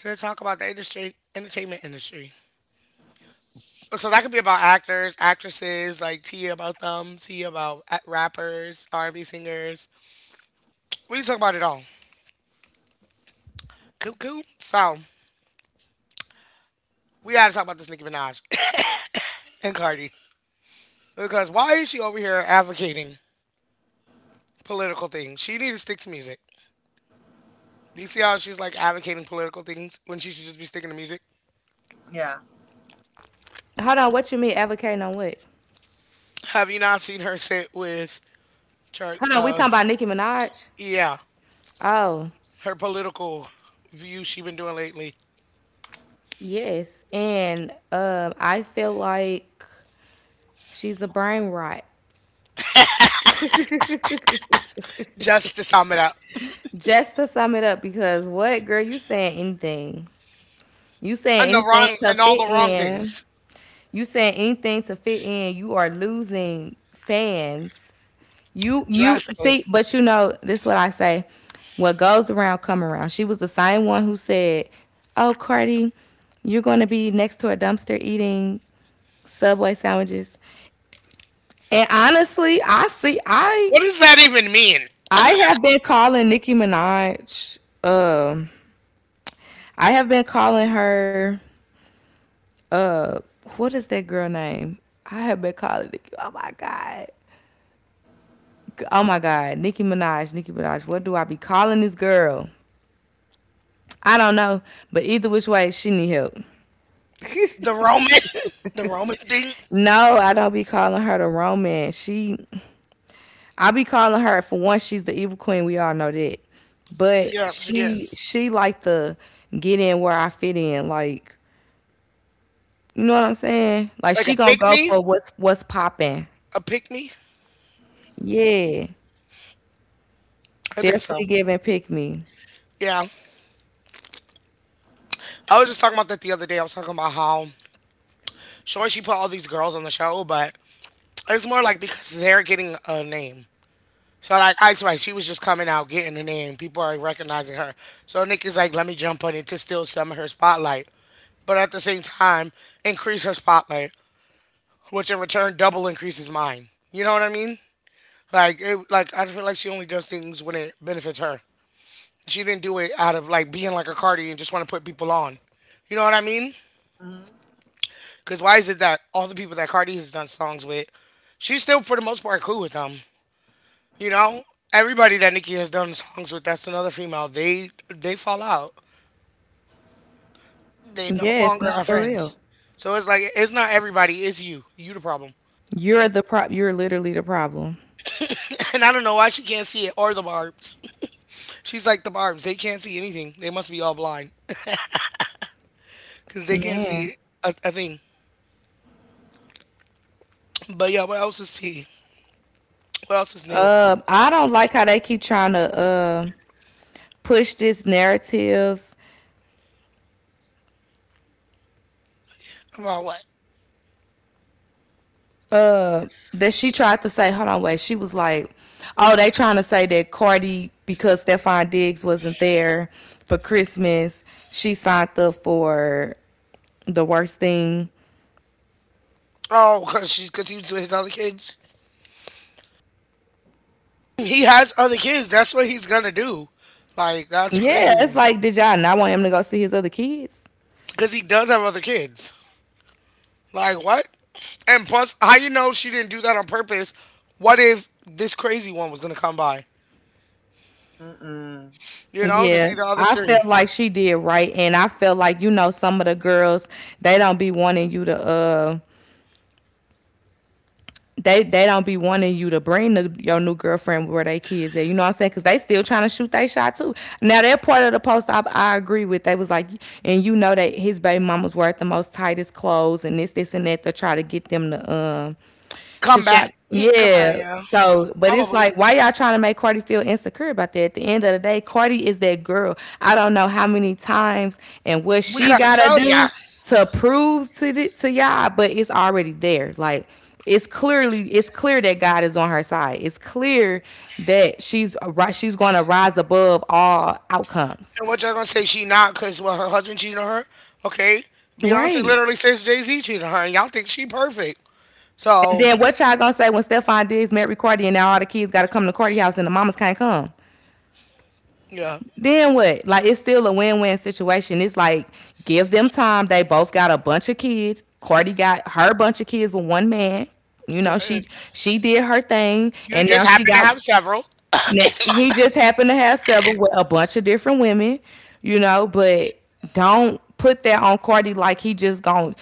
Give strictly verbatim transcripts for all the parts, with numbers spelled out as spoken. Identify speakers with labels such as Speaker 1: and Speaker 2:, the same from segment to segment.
Speaker 1: to talk about the industry, entertainment industry. So that could be about actors, actresses, like Tia about them, Tia about a- rappers, R and B singers. We can talk about it all. Cool, cool. So we got to talk about this Nicki Minaj and Cardi because why is she over here advocating political things? She needs to stick to music. You see how she's like advocating political things when she should just be sticking to music?
Speaker 2: Hold on, what you mean advocating on what?
Speaker 1: Have you not seen her sit with Char?
Speaker 2: Hold on, we
Speaker 1: Uh,
Speaker 2: talking about Nicki Minaj?
Speaker 1: yeah,
Speaker 2: Oh,
Speaker 1: her political view she been doing lately,
Speaker 2: yes. And um, I feel like she's a brain rot.
Speaker 1: just to sum it up,
Speaker 2: Just to sum it up, because what girl, you saying anything. You saying
Speaker 1: and the
Speaker 2: anything
Speaker 1: wrong
Speaker 2: to
Speaker 1: and all
Speaker 2: fit
Speaker 1: the wrong
Speaker 2: in.
Speaker 1: things
Speaker 2: You saying anything to fit in, you are losing fans. You you
Speaker 1: drastically.
Speaker 2: see, but you know, this is what I say. What goes around come around. She was the same one who said, oh, Cardi, you're gonna be next to a dumpster eating Subway sandwiches. And honestly, I see
Speaker 1: What
Speaker 2: I
Speaker 1: does that even mean?
Speaker 2: I have been calling Nicki Minaj. Um, I have been calling her uh what is that girl name? I have been calling Nicki. Oh my god. Oh my god, Nicki Minaj, Nicki Minaj. What do I be calling this girl? I don't know, but either which way, she need help.
Speaker 1: The Roman, the Roman thing?
Speaker 2: No, I don't be calling her the romance. She, I be calling her for one. She's the evil queen. We all know that, but
Speaker 1: Yeah, she
Speaker 2: she,
Speaker 1: is
Speaker 2: she like the get in where I fit in. Like you know what I'm saying? Like
Speaker 1: like
Speaker 2: she
Speaker 1: a
Speaker 2: gonna
Speaker 1: pick
Speaker 2: go
Speaker 1: me,
Speaker 2: for what's what's popping.
Speaker 1: a pick me.
Speaker 2: Yeah,
Speaker 1: I think so.
Speaker 2: definitely giving pick me.
Speaker 1: Yeah, I was just talking about that the other day. I was talking about how sure she put all these girls on the show, but it's more like because they're getting a name. So like Ice Spice, she was just coming out, getting her name. People are recognizing her. So Nikki's like, let me jump on it to steal some of her spotlight, but at the same time, increase her spotlight, which in return double increases mine. You know what I mean? Like it, like I feel like she only does things when it benefits her. She didn't do it out of like being like a Cardi and just want to put people on. You know what I mean? Because why is it that all the people that Cardi has done songs with, she's still for the most part cool with them. You know, everybody that Nikki has done songs with, that's another female. They they fall out. They no
Speaker 2: Yes,
Speaker 1: longer
Speaker 2: no,
Speaker 1: are
Speaker 2: for real.
Speaker 1: friends. So it's like it's not everybody. It's you. You the problem.
Speaker 2: You're the pro. You're literally the problem,
Speaker 1: And I don't know why she can't see it or the barbs. She's like the barbs. They can't see anything. They must be all blind because they can't
Speaker 2: man.
Speaker 1: see a, a thing. But yeah, what else is he? What else is new
Speaker 2: Uh, I don't like how they keep trying to uh push this narratives
Speaker 1: about what?
Speaker 2: uh, that she tried to say, hold on, wait, she was like, oh, they trying to say that Cardi, because Stefan Diggs wasn't there for Christmas, she signed up for the worst thing.
Speaker 1: Oh, because she's continued to his other kids. He has other kids. That's what he's gonna do. Like that's
Speaker 2: Yeah,
Speaker 1: crazy to
Speaker 2: it's
Speaker 1: me
Speaker 2: like, did y'all not want him to go see his other kids?
Speaker 1: because he does have other kids. Like what? And plus, how you know she didn't do that on purpose? What if this crazy one was gonna come by? You know, to
Speaker 2: Yeah,
Speaker 1: see the other
Speaker 2: I
Speaker 1: three
Speaker 2: felt like she did right, and I felt like you know some of the girls they don't be wanting you to uh they they don't be wanting you to bring the, your new girlfriend where they kids at. You know what I'm saying? Because they still trying to shoot their shot too. Now that part of the post I, I agree with. They was like, and you know that his baby mama's wearing the most tightest clothes and this this and that to try to get them to um to
Speaker 1: come back.
Speaker 2: try,
Speaker 1: Come on,
Speaker 2: yeah.
Speaker 1: yeah,
Speaker 2: So, but it's
Speaker 1: probably.
Speaker 2: like, why y'all trying to make Cardi feel insecure about that? At the end of the day, Cardi is that girl. I don't know how many times and what
Speaker 1: We
Speaker 2: she
Speaker 1: gotta
Speaker 2: gotta
Speaker 1: tell ya.
Speaker 2: do to prove to the, to y'all, but it's already there. Like it's clearly it's clear that God is on her side. It's clear that she's right she's going to rise above all outcomes.
Speaker 1: And what y'all gonna say? She not because well, her husband cheated on her. Okay, Beyonce
Speaker 2: Right.
Speaker 1: literally says Jay Z cheated on her, and y'all think she perfect.
Speaker 2: And
Speaker 1: So
Speaker 2: then what y'all gonna say when Stephon Diggs met Ricardi and now all the kids gotta come to Cardi house and the mamas can't come?
Speaker 1: yeah,
Speaker 2: Then what? Like it's still a win-win situation. It's like give them time. They both got a bunch of kids. Cardi got her bunch of kids with one man. You know, she she did her thing
Speaker 1: you
Speaker 2: and now
Speaker 1: just
Speaker 2: she
Speaker 1: happen to
Speaker 2: got.
Speaker 1: have several.
Speaker 2: Now, he just happened to have several with a bunch of different women, you know, but don't put that on Cardi like he just gone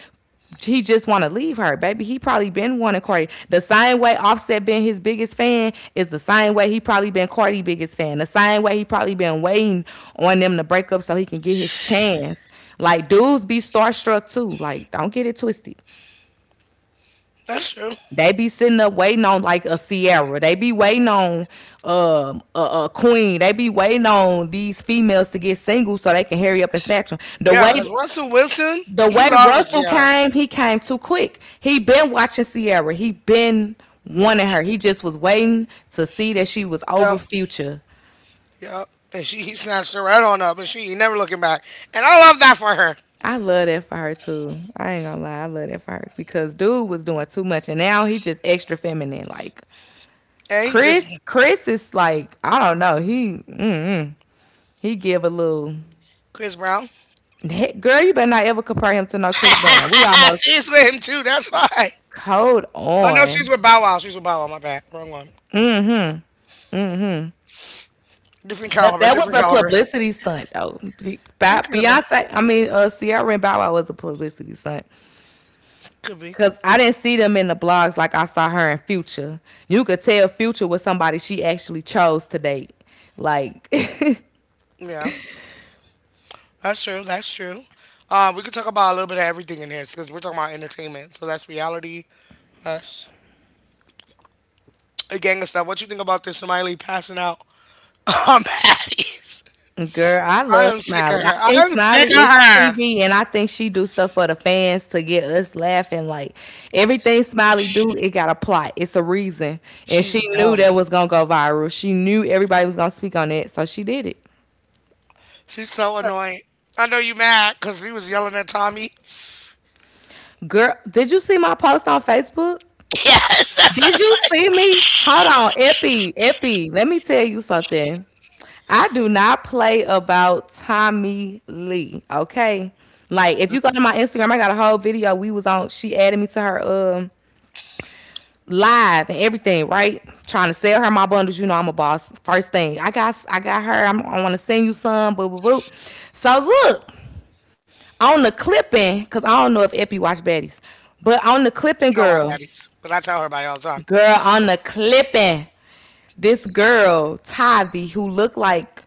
Speaker 2: he just want to leave her, baby. He probably been wanting Cardi. The same way Offset been his biggest fan is the same way he probably been Cardi biggest fan. The same way he probably been waiting on them to break up so he can get his chance. Like dudes be starstruck too. Like don't get it twisted.
Speaker 1: That's true.
Speaker 2: They be sitting up waiting on like a Sierra. They be waiting on um, a, a Queen. They be waiting on these females to get single so they can hurry up and snatch them. The
Speaker 1: Yeah, because
Speaker 2: way
Speaker 1: Russell Wilson,
Speaker 2: the
Speaker 1: he
Speaker 2: way
Speaker 1: loves
Speaker 2: Russell
Speaker 1: Tiara.
Speaker 2: came, he came too quick. He been watching Sierra. He been wanting her. He just was waiting to see that she was over future.
Speaker 1: Yep. And she he snatched her right on up, and she ain't never looking back. And I love that for her.
Speaker 2: I love that for her too. I ain't gonna lie, I love that for her because dude was doing too much, and now he just extra feminine. Like
Speaker 1: And he just
Speaker 2: Chris, Chris is like I don't know. He mm, he give a little
Speaker 1: Chris Brown.
Speaker 2: girl. You better not ever compare him to no Chris Brown. We almost,
Speaker 1: She's with him too. That's why.
Speaker 2: hold
Speaker 1: Oh no, she's
Speaker 2: on.
Speaker 1: with Bow Wow. She's with Bow Wow. My bad. Wrong one. Different
Speaker 2: But
Speaker 1: caliber.
Speaker 2: that was
Speaker 1: Different
Speaker 2: a
Speaker 1: caliber.
Speaker 2: publicity stunt, though. Be-
Speaker 1: It
Speaker 2: Ba-
Speaker 1: could have been.
Speaker 2: Beyonce, I mean, uh, Ciara and Bow Wow was a publicity stunt
Speaker 1: Could be.
Speaker 2: because I didn't see them in the blogs like I saw her in Future. You could tell Future was somebody she actually chose to date. Like,
Speaker 1: Yeah. That's true. That's true. Uh, we could talk about a little bit of everything in here because we're talking about entertainment. So that's reality. That's a gang of stuff. What you think about this Smiley passing out on patties?
Speaker 2: girl, I
Speaker 1: I
Speaker 2: love
Speaker 1: am sick of
Speaker 2: Smiley. I
Speaker 1: her. I
Speaker 2: think
Speaker 1: am sick
Speaker 2: Smiley
Speaker 1: of
Speaker 2: is
Speaker 1: her.
Speaker 2: T V, and I think she do stuff for the fans to get us laughing. Like everything Smiley do, it got a plot. It's a reason, and she
Speaker 1: She's
Speaker 2: knew
Speaker 1: dumb.
Speaker 2: that was gonna go viral. She knew everybody was gonna speak on it, so she did it.
Speaker 1: She's so annoying. I know you mad because he was yelling at Tommy.
Speaker 2: Girl, did you see my post on Facebook?
Speaker 1: Yes, that's what I
Speaker 2: Did
Speaker 1: was
Speaker 2: you
Speaker 1: like.
Speaker 2: see me? Hold on, Epi, Epi. Let me tell you something. I do not play about Tommy Lee. Okay, like if you go to my Instagram, I got a whole video. We was on. She added me to her um live and everything. Right, trying to sell her my bundles. You know I'm a boss. First thing I got, I got her. I'm, I want to send you some. Boo boo boo. So look on the clipping, cause I don't know if Epi watch baddies, but on the clipping,
Speaker 1: She don't watch
Speaker 2: girl,
Speaker 1: baddies, but I tell her about it all the time.
Speaker 2: girl on the clipping, this girl Tavi who looked like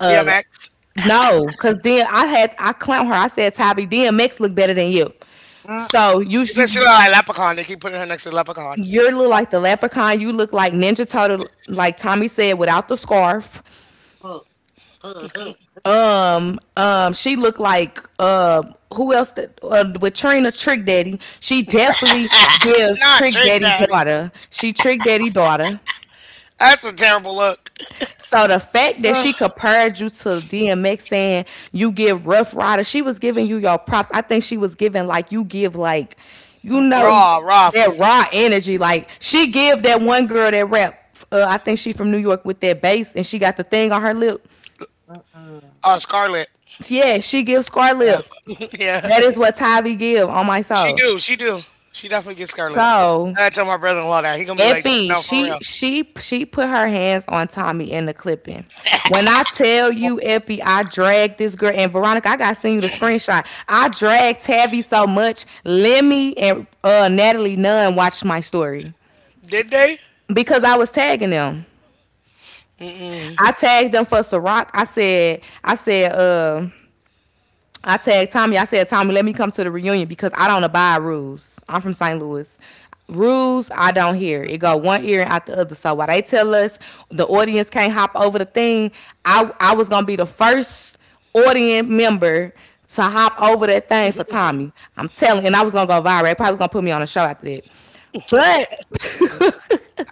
Speaker 2: uh
Speaker 1: D M X.
Speaker 2: no, because then I had I clown her. I said Tavi D M X look better than you. So you
Speaker 1: They said she look
Speaker 2: you
Speaker 1: like a Leprechaun. They keep putting her next to the Leprechaun.
Speaker 2: you look like the leprechaun. You look like Ninja Turtle, like Tommy said, without the scarf. Um um, she looked like uh who else that uh, with Trina Trick Daddy. She definitely gives
Speaker 1: Nah,
Speaker 2: Trick
Speaker 1: Drake
Speaker 2: Daddy
Speaker 1: Daddy.
Speaker 2: daughter. She Trick Daddy daughter.
Speaker 1: That's a terrible look.
Speaker 2: So the fact that
Speaker 1: Ugh.
Speaker 2: she compared you to D M X saying you give Rough Rider, she was giving you your props. I think she was giving like you give like, you know,
Speaker 1: Raw,
Speaker 2: that
Speaker 1: rough.
Speaker 2: raw energy. Like she give that one girl that rap. Uh, I think she from New York with that bass, and she got the thing on her lip.
Speaker 1: Uh, Scarlet.
Speaker 2: Yeah, she gives scar
Speaker 1: Yeah.
Speaker 2: lip. That
Speaker 1: Yeah.
Speaker 2: is what Tyvee give on my
Speaker 1: She
Speaker 2: soul.
Speaker 1: do. She do. She definitely gets Scarlet.
Speaker 2: So
Speaker 1: I tell my brother-in-law that he gonna be like,
Speaker 2: Epi,
Speaker 1: no, for
Speaker 2: she
Speaker 1: real.
Speaker 2: she she put her hands on Tommy in the clipping. When I tell you, Epi, I dragged this girl and Veronica. I gotta send you the screenshot. I dragged Tavi so much. Lemmy and uh, Natalie Nunn watched my story
Speaker 1: Did they?
Speaker 2: because I was tagging them.
Speaker 1: Mm-mm.
Speaker 2: I tagged them for Ciroc. I said, I said, uh, I tagged Tommy. I said, Tommy, let me come to the reunion because I don't abide rules. I'm from Saint Louis. Rules I don't hear. It go one ear and out the other. So while they tell us the audience can't hop over the thing, I I was gonna be the first audience member to hop over that thing for Tommy. I'm telling, and I was gonna go viral. They probably was gonna put me on a show after that. But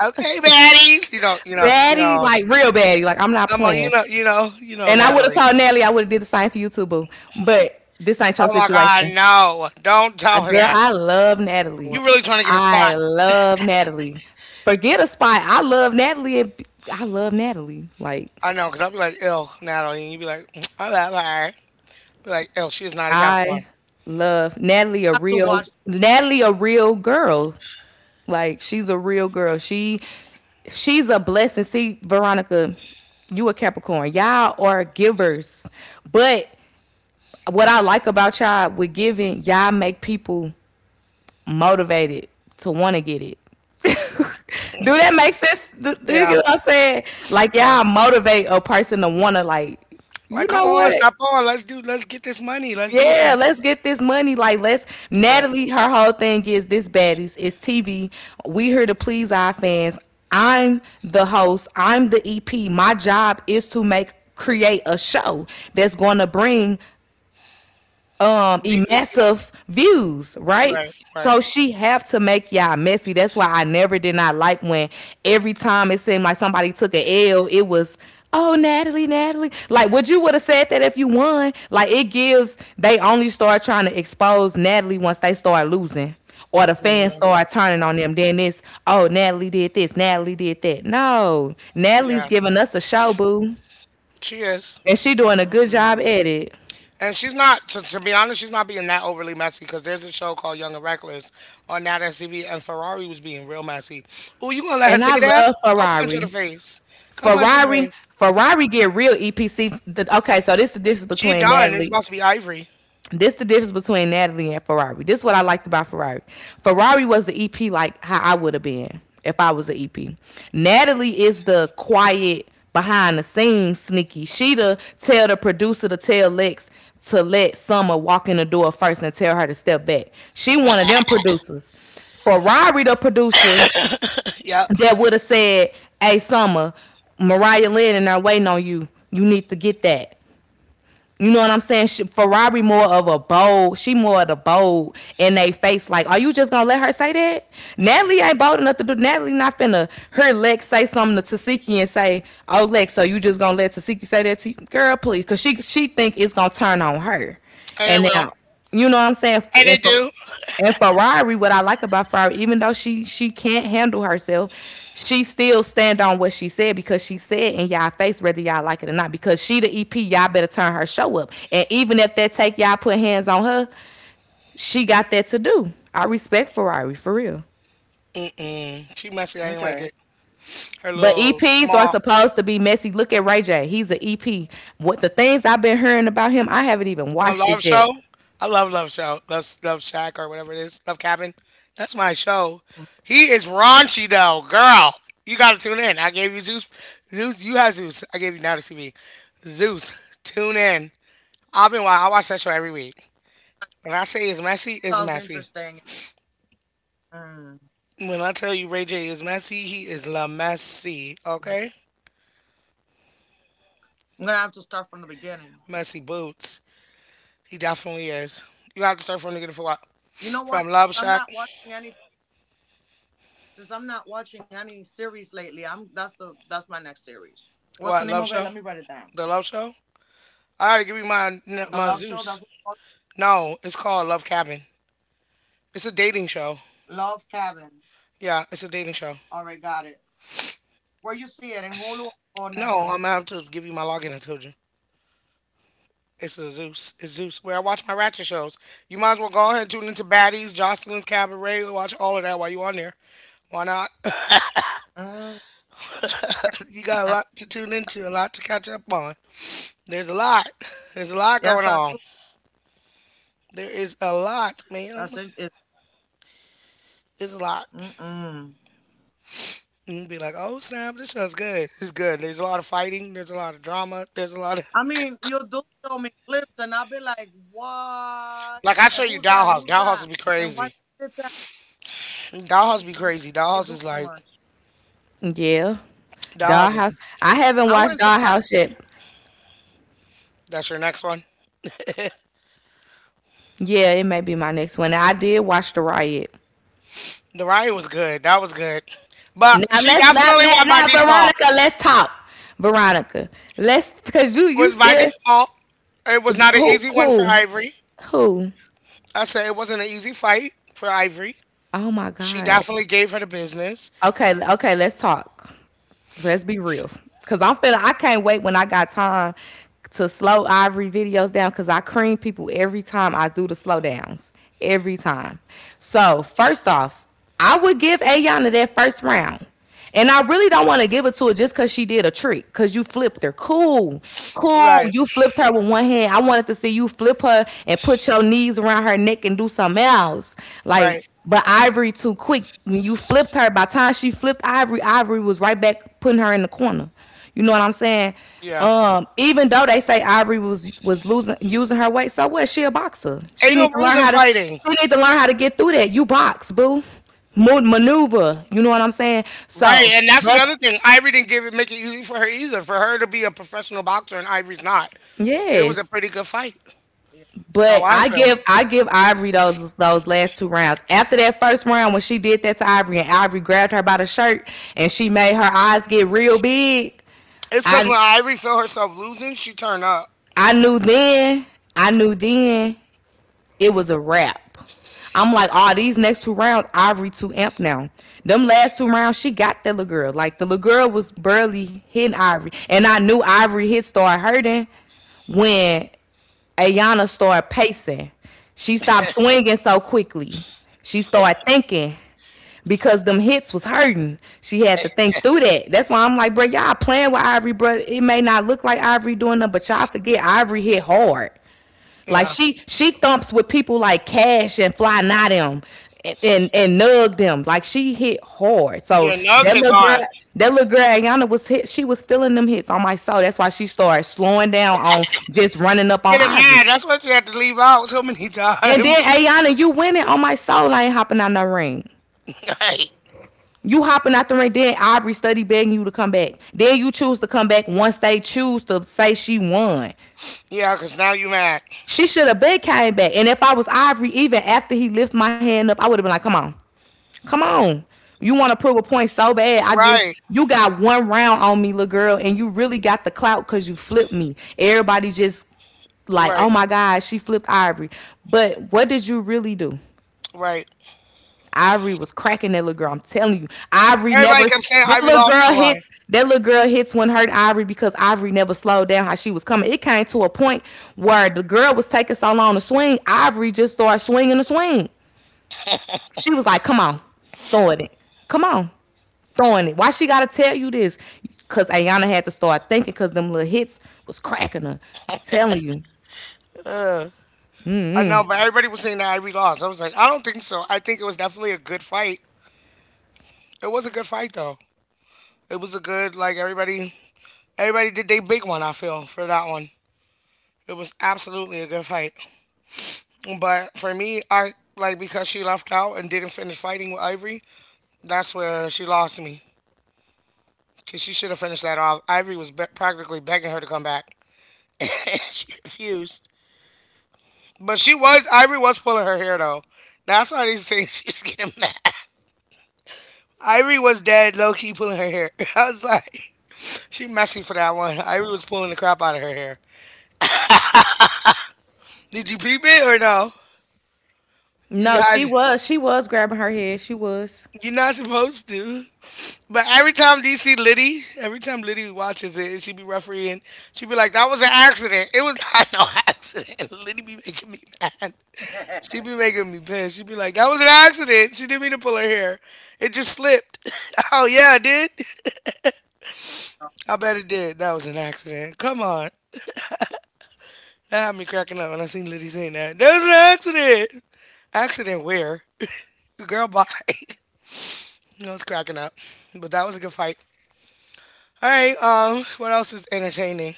Speaker 1: Okay, baddies. You know, you know, you
Speaker 2: baddie,
Speaker 1: know.
Speaker 2: like real baddie, like I'm not
Speaker 1: I'm a, you
Speaker 2: playing.
Speaker 1: know, you know, you know,
Speaker 2: And I would have
Speaker 1: Natalie.
Speaker 2: told Nelly I would have did the same for you too, boo. But this ain't your
Speaker 1: Oh my God,
Speaker 2: situation.
Speaker 1: no! Don't
Speaker 2: I-
Speaker 1: tell her
Speaker 2: Girl,
Speaker 1: that.
Speaker 2: I love Natalie.
Speaker 1: You really trying to get a spot?
Speaker 2: I love Natalie. Forget a spot. I love Natalie. and- I love Natalie. Like
Speaker 1: I know, cause I'll be like, "Ill, Natalie," and you be like, I "All right, all right." Be like, "Ill, she is not a Capricorn."
Speaker 2: I love Natalie. A real Natalie, a real girl. Like she's a real girl. She she's a blessing. See, Veronica, you a Capricorn. Y'all are givers. But what I like about y'all with giving, y'all make people motivated to want to get it. Do that make sense? Do, do you
Speaker 1: Yeah,
Speaker 2: get what I'm saying? Like,
Speaker 1: yeah.
Speaker 2: y'all motivate a person to want to, like, you
Speaker 1: Like, come
Speaker 2: know
Speaker 1: on,
Speaker 2: what?
Speaker 1: stop on. Let's do. Let's get this money. Let's do
Speaker 2: Yeah,
Speaker 1: that.
Speaker 2: let's get this money. Like, let's.
Speaker 1: Yeah.
Speaker 2: Natalie, her whole thing is this baddies. It's T V. We here to please our fans. I'm the host. I'm the E P. My job is to make create a show that's going to bring um
Speaker 1: You- uh,
Speaker 2: emassive views, right?
Speaker 1: Right. Right.
Speaker 2: So she have to make y'all messy. That's why I never did not like when every time it seemed like somebody took a L, it was oh Natalie, Natalie. Like would you would have said that if you won? Like it gives they only start trying to expose Natalie once they start losing. Or the fans
Speaker 1: Yeah.
Speaker 2: start turning on them. Then it's oh Natalie did this, Natalie did that. No. Natalie's
Speaker 1: Yeah.
Speaker 2: giving us a show, boo.
Speaker 1: She is.
Speaker 2: And she doing a good job at it.
Speaker 1: And she's not, to, to be honest, she's not being that overly messy because there's a show called Young and Reckless on Nat S C V, and Ferrari was being real messy. Oh, you gonna let her
Speaker 2: And
Speaker 1: say
Speaker 2: I
Speaker 1: that?
Speaker 2: love
Speaker 1: Go punch her in the
Speaker 2: Ferrari.
Speaker 1: face. Go punch her in the
Speaker 2: Ferrari,
Speaker 1: face.
Speaker 2: Ferrari get real E P C. The, okay, so this is the difference
Speaker 1: She
Speaker 2: between
Speaker 1: done. It's
Speaker 2: Natalie.
Speaker 1: supposed to be Ivory.
Speaker 2: This the difference between Natalie and Ferrari. This is what I liked about Ferrari. Ferrari was the E P like how I would have been if I was an E P. Natalie is the quiet behind the scenes sneaky. She the tell the producer to tell Lex to let Summer walk in the door first and tell her to step back. She one of them producers. Ferrari the producer
Speaker 1: Yep.
Speaker 2: that would have said, "Hey, Summer, Mariah Lynn and they're waiting on you. You need to get that." You know what I'm saying? She, Ferrari more of a bold. She more of the bold in they face. Like, are you just gonna let her say that? Natalie ain't bold enough to do. Natalie not finna her Lex say something to Tasiki and say, "Oh Lex, so you just gonna let Tasiki say that to you, girl? Please, cause she she think it's gonna turn on her."
Speaker 1: And it
Speaker 2: And
Speaker 1: will.
Speaker 2: now, you know what I'm saying?
Speaker 1: And
Speaker 2: And
Speaker 1: it
Speaker 2: for
Speaker 1: do.
Speaker 2: and Ferrari, what I like about Ferrari, even though she she can't handle herself, she still stand on what she said because she said in y'all face whether y'all like it or not. Because she the E P, y'all better turn her show up. And even if that take y'all put hands on her, she got that to do. I respect Ferrari for real.
Speaker 1: Mm-mm. She messy. I ain't like it. Her
Speaker 2: But
Speaker 1: little
Speaker 2: E Ps are
Speaker 1: small
Speaker 2: supposed to be messy. Look at Ray J. He's an E P. What the things I've been hearing about him, I haven't even
Speaker 1: a
Speaker 2: watched it
Speaker 1: love
Speaker 2: yet.
Speaker 1: show. I love love show. Love love shack or whatever it is. Love cabin. That's my show. He is raunchy though, girl. You gotta tune in. I gave you Zeus. Zeus, you had Zeus. I gave you now to T V. Zeus, tune in. I've been wa- I watch that show every week. When I say it's messy, it's messy. When I tell you Ray J is messy, he is la messy. Okay. Messy boots. He definitely is. You have to start from the beginning for what? From Love Shack? What Love Show? The Love Show? I gotta give you my my Zeus. No, it's called Love Cabin. It's a dating show. Yeah, it's a dating show. No, I'm gonna have to give you my login. I told you. It's a Zeus. It's Zeus. Where I watch my ratchet shows. You might as well go ahead and tune into Baddies, Jocelyn's Cabaret. Watch all of that while you on there. Why not? You got a lot to tune into, a lot to catch up on. There's a lot. There's a lot going on. There is a lot, ma'am. It's a lot. And you'd be like, oh snap, this show's good. It's good. There's a lot of fighting. There's a lot of drama. There's a lot of like I show you Dollhouse. Dollhouse be crazy. Dollhouse be crazy. Dollhouse is like
Speaker 2: Yeah.
Speaker 1: Dollhouse
Speaker 2: Dollhouse.
Speaker 1: is
Speaker 2: I haven't watched Dollhouse yet.
Speaker 1: that's your next one.
Speaker 2: Yeah, it may be my next one. I did watch the riot.
Speaker 1: The riot was good. That was good. But
Speaker 2: Now
Speaker 1: she
Speaker 2: let's let,
Speaker 1: definitely
Speaker 2: let
Speaker 1: won by
Speaker 2: now
Speaker 1: default.
Speaker 2: Veronica, let's talk. Veronica, let's because you you
Speaker 1: Was by
Speaker 2: still
Speaker 1: default. It was not an
Speaker 2: who
Speaker 1: easy one for
Speaker 2: who
Speaker 1: Ivory.
Speaker 2: who?
Speaker 1: I said it wasn't an easy fight for Ivory.
Speaker 2: Oh my
Speaker 1: She
Speaker 2: God.
Speaker 1: definitely gave her the business.
Speaker 2: Okay, okay, let's talk. Let's be real. Cause I'm feeling I can't wait when I got time to slow Ivory videos down because I cream people every time I do the slow downs. Every time. So first off, I would give Ayana that first round. And I really don't want to give it to her just because she did a trick. Because you flipped her. Cool. Cool.
Speaker 1: Right.
Speaker 2: You flipped her with one hand. I wanted to see you flip her and put your knees around her neck and do something else.
Speaker 1: Right.
Speaker 2: Like, but Ivory too quick. When you flipped her, by the time she flipped Ivory, Ivory was right back putting her in the corner. You know what I'm saying?
Speaker 1: Yeah.
Speaker 2: Um, even though they say Ivory was was losing using her weight, so what? She a boxer.
Speaker 1: Ain't
Speaker 2: She
Speaker 1: no
Speaker 2: need to
Speaker 1: rules
Speaker 2: learn
Speaker 1: in
Speaker 2: how to
Speaker 1: fighting.
Speaker 2: she need to learn how to get through that. You box, boo. Mo- maneuver. You know what I'm saying?
Speaker 1: Right,
Speaker 2: So
Speaker 1: and that's
Speaker 2: that's
Speaker 1: another thing. Ivory didn't give it make it easy for her either. For her to be a professional boxer and Ivory's not. It was a
Speaker 2: yes.
Speaker 1: pretty good fight. That's how
Speaker 2: But
Speaker 1: I
Speaker 2: I
Speaker 1: feel.
Speaker 2: give I give Ivory those those last two rounds. After that first round, when she did that to Ivory and Ivory grabbed her by the shirt and she made her eyes get real big,
Speaker 1: It's cause
Speaker 2: I
Speaker 1: when Ivory felt herself losing, she turned up.
Speaker 2: I knew then I knew then it was a wrap. I'm like, oh, these next two rounds, Ivory too amp now. Them last two rounds, she got that little girl. Like the little girl was barely hitting Ivory, and I knew Ivory hit started hurting when Ayana started pacing. She stopped swinging so quickly. She started thinking because them hits was hurting. She had to think through that. That's why I'm like, bro, y'all playing with Ivory, bro. It may not look like Ivory doing them, but y'all forget Ivory hit hard. Like
Speaker 1: Yeah.
Speaker 2: she she thumps with people like Cash and Fly Not them and, and and nug them. Like she hit hard. So
Speaker 1: Yeah, Nug
Speaker 2: that
Speaker 1: hits
Speaker 2: little girl,
Speaker 1: hard.
Speaker 2: that little girl Ayana was hit. She was feeling them hits on my soul. That's why she started slowing down on just running up on
Speaker 1: Getting
Speaker 2: Ivory.
Speaker 1: mad. That's why she had to leave out so many
Speaker 2: And then
Speaker 1: times.
Speaker 2: Ayana, you winning on my soul. I ain't hopping out no ring.
Speaker 1: Right.
Speaker 2: You hopping out the ring, then Aubrey study begging you to come back. Then you choose to come back once they choose to say she won.
Speaker 1: Yeah, because now you mad.
Speaker 2: She should have been came back. And if I was Ivory, even after he lifts my hand up, I would have been like, come on, come on. You want to prove a point so bad. I
Speaker 1: Right.
Speaker 2: just, you got one round on me, little girl, and you really got the clout because you flipped me. Everybody just like, oh
Speaker 1: Right.
Speaker 2: my God, she flipped Ivory. But what did you really do?
Speaker 1: Right.
Speaker 2: Ivory was cracking that little girl. I'm telling you, Ivory never.
Speaker 1: Everybody kept saying
Speaker 2: That
Speaker 1: Ivory
Speaker 2: little
Speaker 1: lost
Speaker 2: girl
Speaker 1: the line.
Speaker 2: hits. That little girl hits when hurt Ivory because Ivory never slowed down how she was coming. It came to a point where the girl was taking so long to swing. Ivory just started swinging the swing. She was like, "Come on, throwing it. Come on, throwing it. Why she gotta tell you this? Cause Ayana had to start thinking because them little hits was cracking her. I'm telling you.
Speaker 1: I know, but everybody was saying that Ivory lost. I was like, I don't think so. I think it was definitely a good fight. It was a good fight though. It was a good like everybody everybody did they big one. I feel for that one. It was absolutely a good fight. But for me, I like because she left out and didn't finish fighting with Ivory. That's where she lost me because she should have finished that off. Ivory was be- practically begging her to come back. She refused. But she was Ivory was pulling her hair though. That's why they say she's getting mad. Ivory was dead, low key pulling her hair. I was like, she messy for that one. Ivory was pulling the crap out of her hair. Did you peep it or no? You
Speaker 2: No,
Speaker 1: had
Speaker 2: she was. She was grabbing her head. She was.
Speaker 1: You're not supposed to. But every time D C Liddy, every time Liddy watches it, and she be refereeing, she be like, "That was an accident. It was not no accident." Liddy be making me mad. She be making me pissed. She be like, "That was an accident. She didn't mean to pull her hair. It just slipped." Oh yeah, it did. I bet it did. That was an accident. Come on. That had me cracking up when I seen Liddy saying that. That was an accident. Accident where? Girl, bye. I was cracking up. But that was a good fight. All right. Um, what else is entertaining?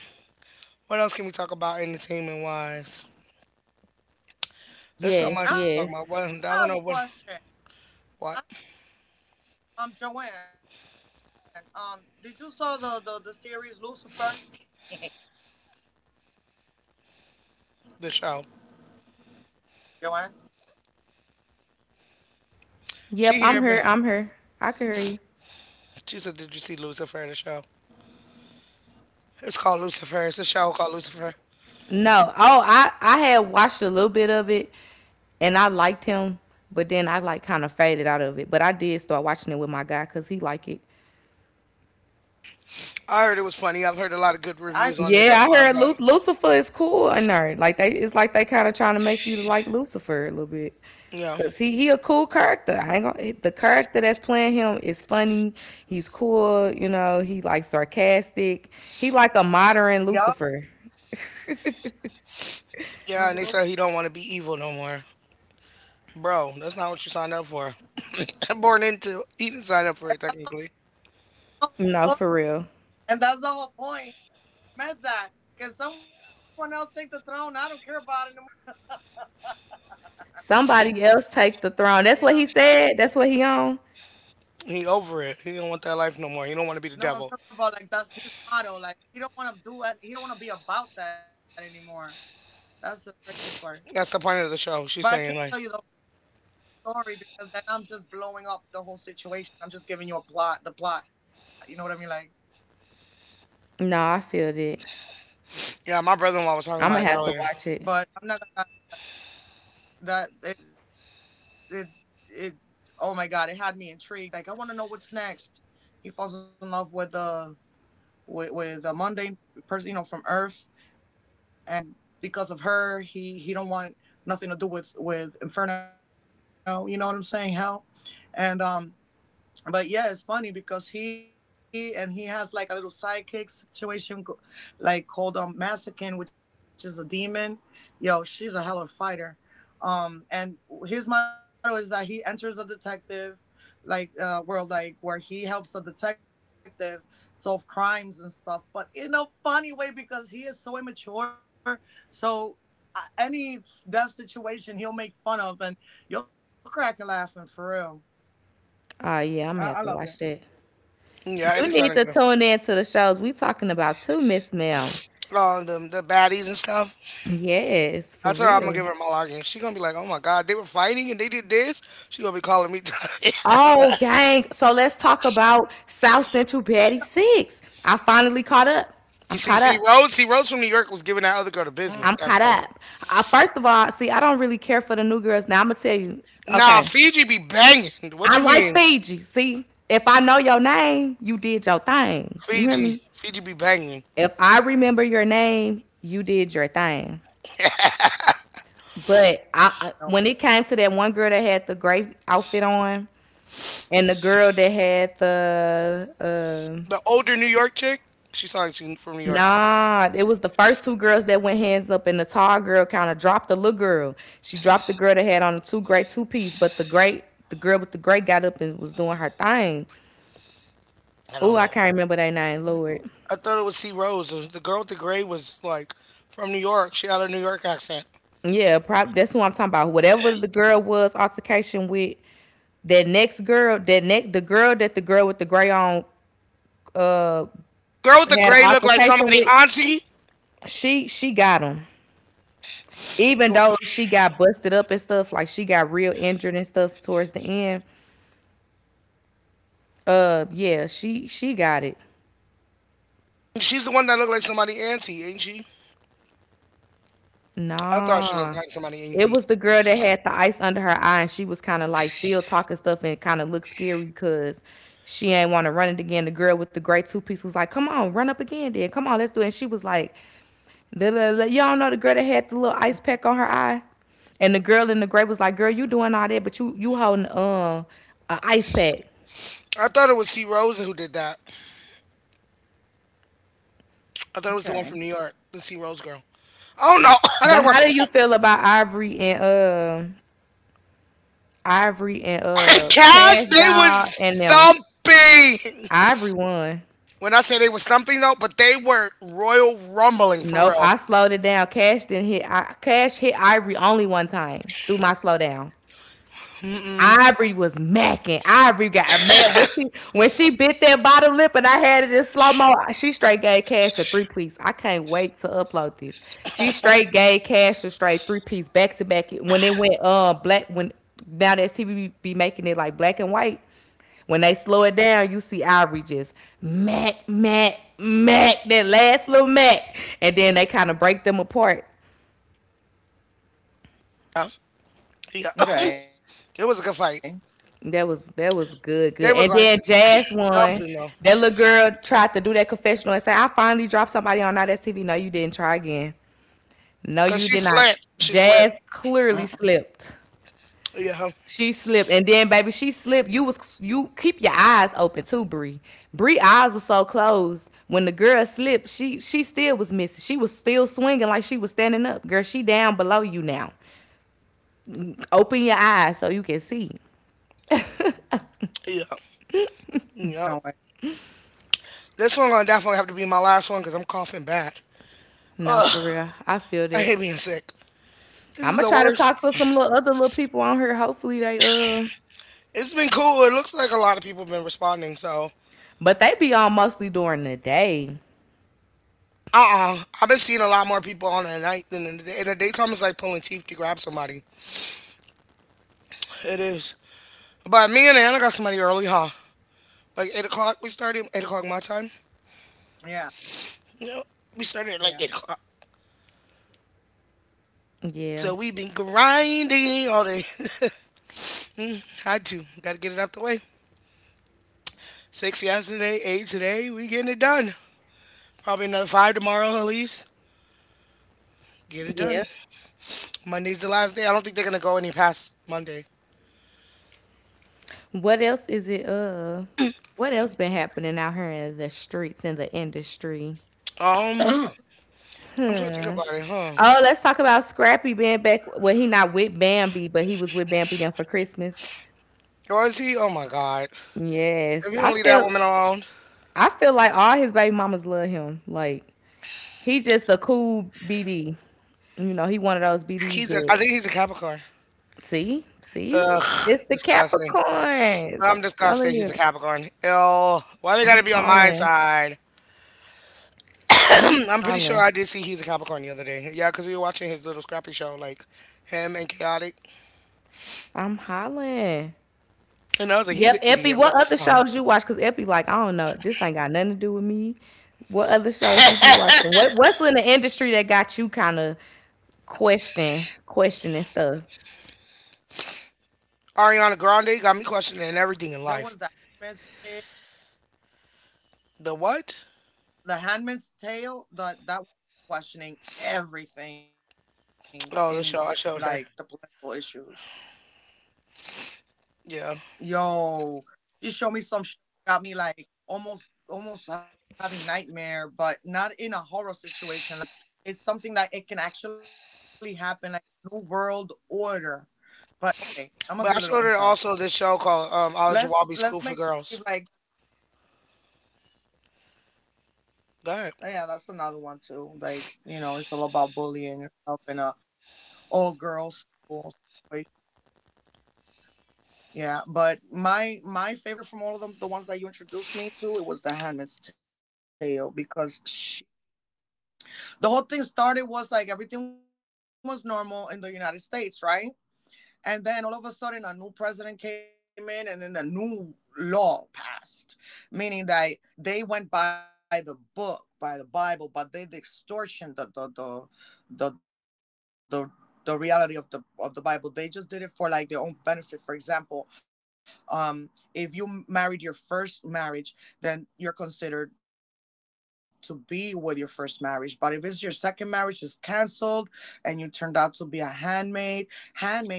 Speaker 1: What else can we talk about entertainment wise? There's so
Speaker 2: Yes,
Speaker 1: much to talk about.
Speaker 2: yes.
Speaker 1: What I don't know what what the show. She
Speaker 2: Yep,
Speaker 1: here,
Speaker 2: I'm
Speaker 1: but
Speaker 2: here. I'm here. I can hear you.
Speaker 1: she said, "Did you see Lucifer?" The show. It's called Lucifer. It's a show called Lucifer.
Speaker 2: No. Oh, I I had watched a little bit of it and I liked him, but then I like kind of faded out of it. But I did start watching it with my guy cuz he like it.
Speaker 1: I heard it was funny. I've heard a lot of good reviews on it so
Speaker 2: Yeah, I
Speaker 1: far,
Speaker 2: heard
Speaker 1: but
Speaker 2: Lu- Lucifer is cool in there. Like they it's like they kind of trying to make you to like Lucifer a little bit.
Speaker 1: yeah,
Speaker 2: Cause he he a cool character. I ain't gonna, the character that's playing him is funny. He's cool, you know. He like sarcastic. He like a modern Lucifer.
Speaker 1: yeah. And they said he don't want to be evil no more, bro. That's not what you signed up for. Born into. He didn't sign up for it technically.
Speaker 2: No, for real. Somebody else take the throne. That's what he said. That's what he on.
Speaker 1: He over it. He don't want that life no more. He don't want to be the devil. That's the point of the show. She's saying like
Speaker 2: No, I feel that.
Speaker 1: yeah, my brother in law was talking
Speaker 2: I'm
Speaker 1: about
Speaker 2: gonna
Speaker 1: it
Speaker 2: have to
Speaker 1: earlier.
Speaker 2: watch it. Oh yeah, I'm gonna have to watch that.
Speaker 1: Yeah, it
Speaker 2: You
Speaker 1: be
Speaker 2: need
Speaker 1: sounding
Speaker 2: to
Speaker 1: good.
Speaker 2: tune in to the shows we talking about too, Miss Mel.
Speaker 1: Oh, the the baddies and stuff.
Speaker 2: Yes, for
Speaker 1: I told her I'm gonna
Speaker 2: real.
Speaker 1: give her my login. She gonna be like, "Oh my god, they were fighting and they did this." She gonna be calling me.
Speaker 2: Oh, gang. So let's talk about South Central Batty Six. I finally caught up.
Speaker 1: You
Speaker 2: I'm
Speaker 1: see,
Speaker 2: caught
Speaker 1: see
Speaker 2: up.
Speaker 1: Rose, see Rose from New York was giving that other girl the business
Speaker 2: I'm
Speaker 1: at
Speaker 2: caught
Speaker 1: first.
Speaker 2: up. Uh, first of all, see, I don't really care for the new girls. Now I'm gonna tell you.
Speaker 1: Nah,
Speaker 2: Okay.
Speaker 1: Fiji be banging. What
Speaker 2: I
Speaker 1: you
Speaker 2: like
Speaker 1: mean,
Speaker 2: Fiji. See, if I know your name, you did your thing. You hear
Speaker 1: Fiji?
Speaker 2: me?
Speaker 1: Fiji be banging.
Speaker 2: If I remember your name, you did your thing. But I, I- when it came to that one girl that had the gray outfit on, and the girl that had the uh,
Speaker 1: The older New York chick. She sounds like she from New York.
Speaker 2: nah, it was the first two girls that went hands up, and the tall girl kind of dropped the little girl. She dropped the girl that had on the two gray two piece, but the great the girl with the gray got up and was doing her thing.
Speaker 1: I
Speaker 2: Oh,
Speaker 1: don't
Speaker 2: I
Speaker 1: know.
Speaker 2: can't remember their name, Lord.
Speaker 1: I thought it was C Rose. The the girl with the gray was like from New York. She had a New York accent.
Speaker 2: Yeah, prob- that's who I'm talking about. Whatever the girl was altercation with, that next girl, that next the girl that the girl with the gray on uh
Speaker 1: Girl with the
Speaker 2: had an
Speaker 1: gray looked like
Speaker 2: altercation
Speaker 1: somebody
Speaker 2: with,
Speaker 1: auntie.
Speaker 2: she she got him. Even though she got busted up and stuff, like she got real injured and stuff towards the end. Uh, yeah, she she got it.
Speaker 1: She's the one that looked like somebody auntie, ain't she? I thought she looked
Speaker 2: Nah.
Speaker 1: like somebody
Speaker 2: It
Speaker 1: auntie.
Speaker 2: was the girl that had the ice under her eye and she was kind of like still talking stuff and kind of looked scary because she ain't want to run it again. The girl with the gray two piece was like, "Come on, run up again, then. Come on, let's do it." And she was like, "La, la, la." Y'all know the girl that had the little ice pack on her eye? And the girl in the gray was like, "Girl, you doing all that, but you you holding um a ice pack."
Speaker 1: I thought it was C Rose who did that. I thought it was the one from New York, the C Rose girl. Oh no, I
Speaker 2: But
Speaker 1: gotta
Speaker 2: how
Speaker 1: watch
Speaker 2: do you feel about Ivory and uh Ivory and
Speaker 1: it.
Speaker 2: uh
Speaker 1: Cash,
Speaker 2: Cash
Speaker 1: they
Speaker 2: Doll
Speaker 1: was
Speaker 2: and them?
Speaker 1: thumping.
Speaker 2: Ivory won.
Speaker 1: When I say they was thumping though, but they were royal rumbling for
Speaker 2: Nope,
Speaker 1: real.
Speaker 2: I slowed it down. Cash didn't hit. I, cash hit Ivory only one time through my slowdown.
Speaker 1: Mm-mm.
Speaker 2: Ivory was macking. Ivory got mad when she when she bit that bottom lip, and I had it in slow mo. She straight gave Cash a three piece. I can't wait to upload this. She straight gave Cash a straight three piece back to back. When it went uh black, when now that T V be be making it like black and white, when they slow it down, you see Ivory just mac mac mac that last little mac, and then they kind of break them apart.
Speaker 1: Yeah, yeah. It was a good fight.
Speaker 2: That was that was good, good.
Speaker 1: They was
Speaker 2: And
Speaker 1: like
Speaker 2: then Jazz won.
Speaker 1: thumping though,
Speaker 2: That little girl tried to do that confessional and say, "I finally dropped somebody on all that T V" No, you didn't try again. No,
Speaker 1: cause
Speaker 2: you
Speaker 1: she
Speaker 2: did not.
Speaker 1: slapped. She slapped.
Speaker 2: Jazz clearly slipped.
Speaker 1: Yeah,
Speaker 2: She slipped. And then baby, she slipped. You was you keep your eyes open too, Bree. Bree eyes was so closed. When the girl slipped, she she still was missing. She was still swinging like she was standing up. Girl, she down below you now. Open your eyes so you can see.
Speaker 1: yeah, yeah. This one gonna definitely have to be my last one because I'm coughing bad.
Speaker 2: No, for real. I feel
Speaker 1: I
Speaker 2: that.
Speaker 1: hate being sick. This
Speaker 2: I'm
Speaker 1: is
Speaker 2: gonna
Speaker 1: the
Speaker 2: try to
Speaker 1: worst.
Speaker 2: talk to some little other little people on here. Hopefully they uh,
Speaker 1: It's been cool. It looks like a lot of people have been responding. So,
Speaker 2: but they be on mostly during the day.
Speaker 1: uh, uh I have been seeing a lot more people on the night than in the day. In the daytime, it's like pulling teeth to grab somebody. It is. But me and Anna got somebody early, huh? Like eight o'clock. We started eight o'clock my time. No, we started at like eight o'clock.
Speaker 2: Yeah,
Speaker 1: So we've been grinding all day. Mm, had to. Got to get it out the way. Six yesterday, eight today. We getting it done. Probably another five tomorrow, at least. Get it done.
Speaker 2: yeah.
Speaker 1: Monday's the last day. I don't think they're gonna go any past Monday.
Speaker 2: What else is it? Uh, what else been happening out here in the streets in the industry?
Speaker 1: Um, I'm trying to think
Speaker 2: Hmm.
Speaker 1: about it, huh?
Speaker 2: Oh, let's talk about Scrappy being back. Well, he not with Bambi, but he was with Bambi then for Christmas.
Speaker 1: Or is he? Oh my God! If
Speaker 2: Yes,
Speaker 1: you
Speaker 2: I
Speaker 1: don't leave that
Speaker 2: feel.
Speaker 1: woman alone,
Speaker 2: I feel like all his baby mamas love him. Like he's just a cool B D. You know, he one of those B Ds
Speaker 1: he's a. I
Speaker 2: that…
Speaker 1: think he's a Capricorn.
Speaker 2: See, see,
Speaker 1: Ugh,
Speaker 2: it's the
Speaker 1: disgusting.
Speaker 2: Capricorns. I'm
Speaker 1: I'm disgusted.
Speaker 2: telling
Speaker 1: He's a
Speaker 2: you,
Speaker 1: Capricorn. Ew. Why they
Speaker 2: I'm
Speaker 1: gotta be on my
Speaker 2: hollering.
Speaker 1: side?
Speaker 2: I'm
Speaker 1: I'm pretty sure
Speaker 2: hollering.
Speaker 1: I did see he's a Capricorn the other day. Yeah, because we were watching his little scrappy show, like him and Chaotic,
Speaker 2: I'm hollering.
Speaker 1: and I was like, he's
Speaker 2: Yep,
Speaker 1: an
Speaker 2: Epi.
Speaker 1: idiot.
Speaker 2: What
Speaker 1: What's his
Speaker 2: other
Speaker 1: sign?
Speaker 2: shows you watch? Cause Epi, like, I don't know. This ain't got nothing to do with me. What other shows you be watching? What What's in the industry that got you kind of question, questioning stuff?
Speaker 1: Ariana Grande got me questioning everything in life. The what? Oh, the show I showed her. Yeah, but I showed her also this show called um, Al Jawabi School for Girls. Go ahead.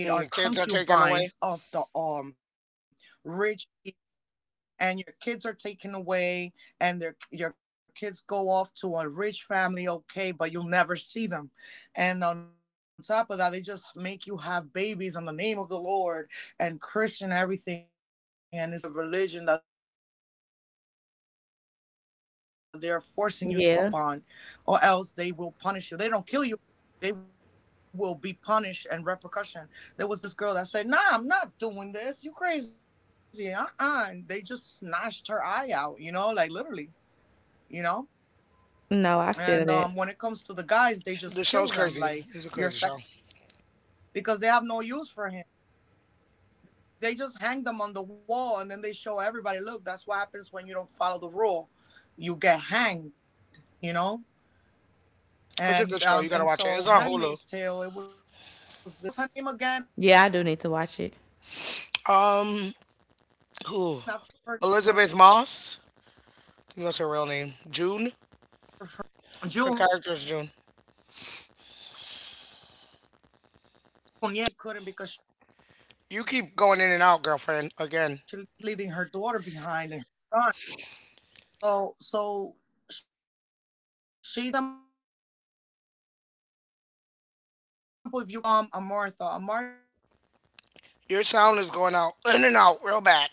Speaker 1: And your kids are taken away.
Speaker 2: Yeah. No, I feel that.
Speaker 1: The show's crazy. It's a crazy show. It's a good show. You gotta watch it. It's on Hulu.
Speaker 2: Yeah, I do need to watch it.
Speaker 1: Um, who? Elizabeth Moss. I think that's her real name. June. Her character is June. You keep going in and out, girlfriend. Again, your sound is going out in and out real bad.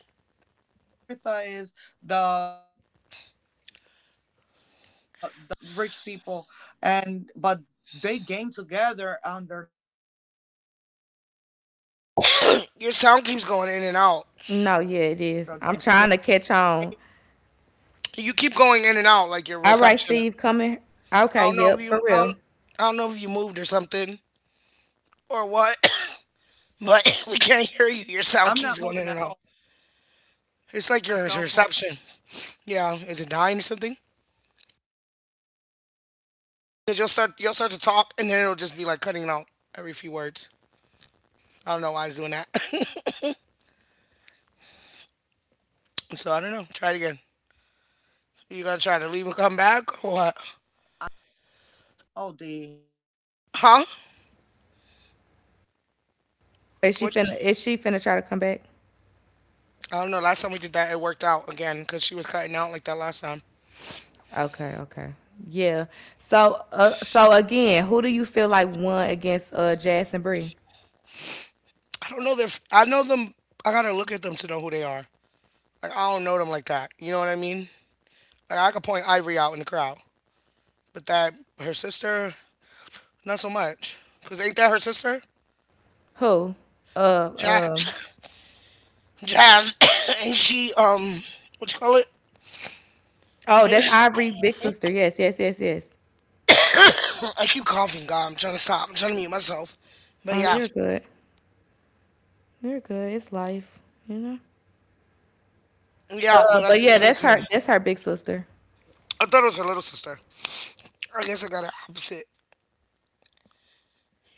Speaker 1: Your sound keeps going in and out.
Speaker 2: No, yeah, it is. I'm trying to catch on.
Speaker 1: You keep going in and out like your
Speaker 2: All right,
Speaker 1: reception.
Speaker 2: Steve, coming.
Speaker 1: I
Speaker 2: Okay,
Speaker 1: don't know if
Speaker 2: yep, for
Speaker 1: you. I
Speaker 2: real.
Speaker 1: don't, I don't know if you moved or something. Or what, but we can't hear you. Your sound keeps going in and out. It's like your your reception. Yeah, is it dying or something? 'Cause you'll start you'll start to talk and then it'll just be like cutting out every few words. I don't know why it's doing that. So I don't know. Try it again. You gonna try to leave and come back or what? Huh?
Speaker 2: Is she
Speaker 1: Which
Speaker 2: finna? Is she finna try to come back?
Speaker 1: I don't know. Last time we did that, it worked out again because she was cutting out like that last time.
Speaker 2: Okay, okay, yeah. So, uh, so again, who do you feel like won against uh Jazz and Bree?
Speaker 1: I don't know. Their f I know them. I gotta look at them to know who they are. Like I don't know them like that. You know what I mean? Like I could point Ivory out in the crowd, but that her sister, not so much. Cause ain't that her sister?
Speaker 2: Who? Uh, um.
Speaker 1: Jazz. Jazz. Ain't she um what you call it?
Speaker 2: Oh,
Speaker 1: Ain't
Speaker 2: that's
Speaker 1: she-
Speaker 2: Ivory, big sister. Yes, yes, yes, yes.
Speaker 1: I keep coughing, God, I'm trying to stop. I'm trying to mute myself. But
Speaker 2: Oh,
Speaker 1: yeah.
Speaker 2: you're good. You're good. It's life, you know.
Speaker 1: Yeah,
Speaker 2: Uh,
Speaker 1: but I
Speaker 2: but
Speaker 1: think
Speaker 2: yeah,
Speaker 1: that is
Speaker 2: that's
Speaker 1: her.
Speaker 2: her. That's her big sister.
Speaker 1: I thought it was her little sister. I guess I got it opposite.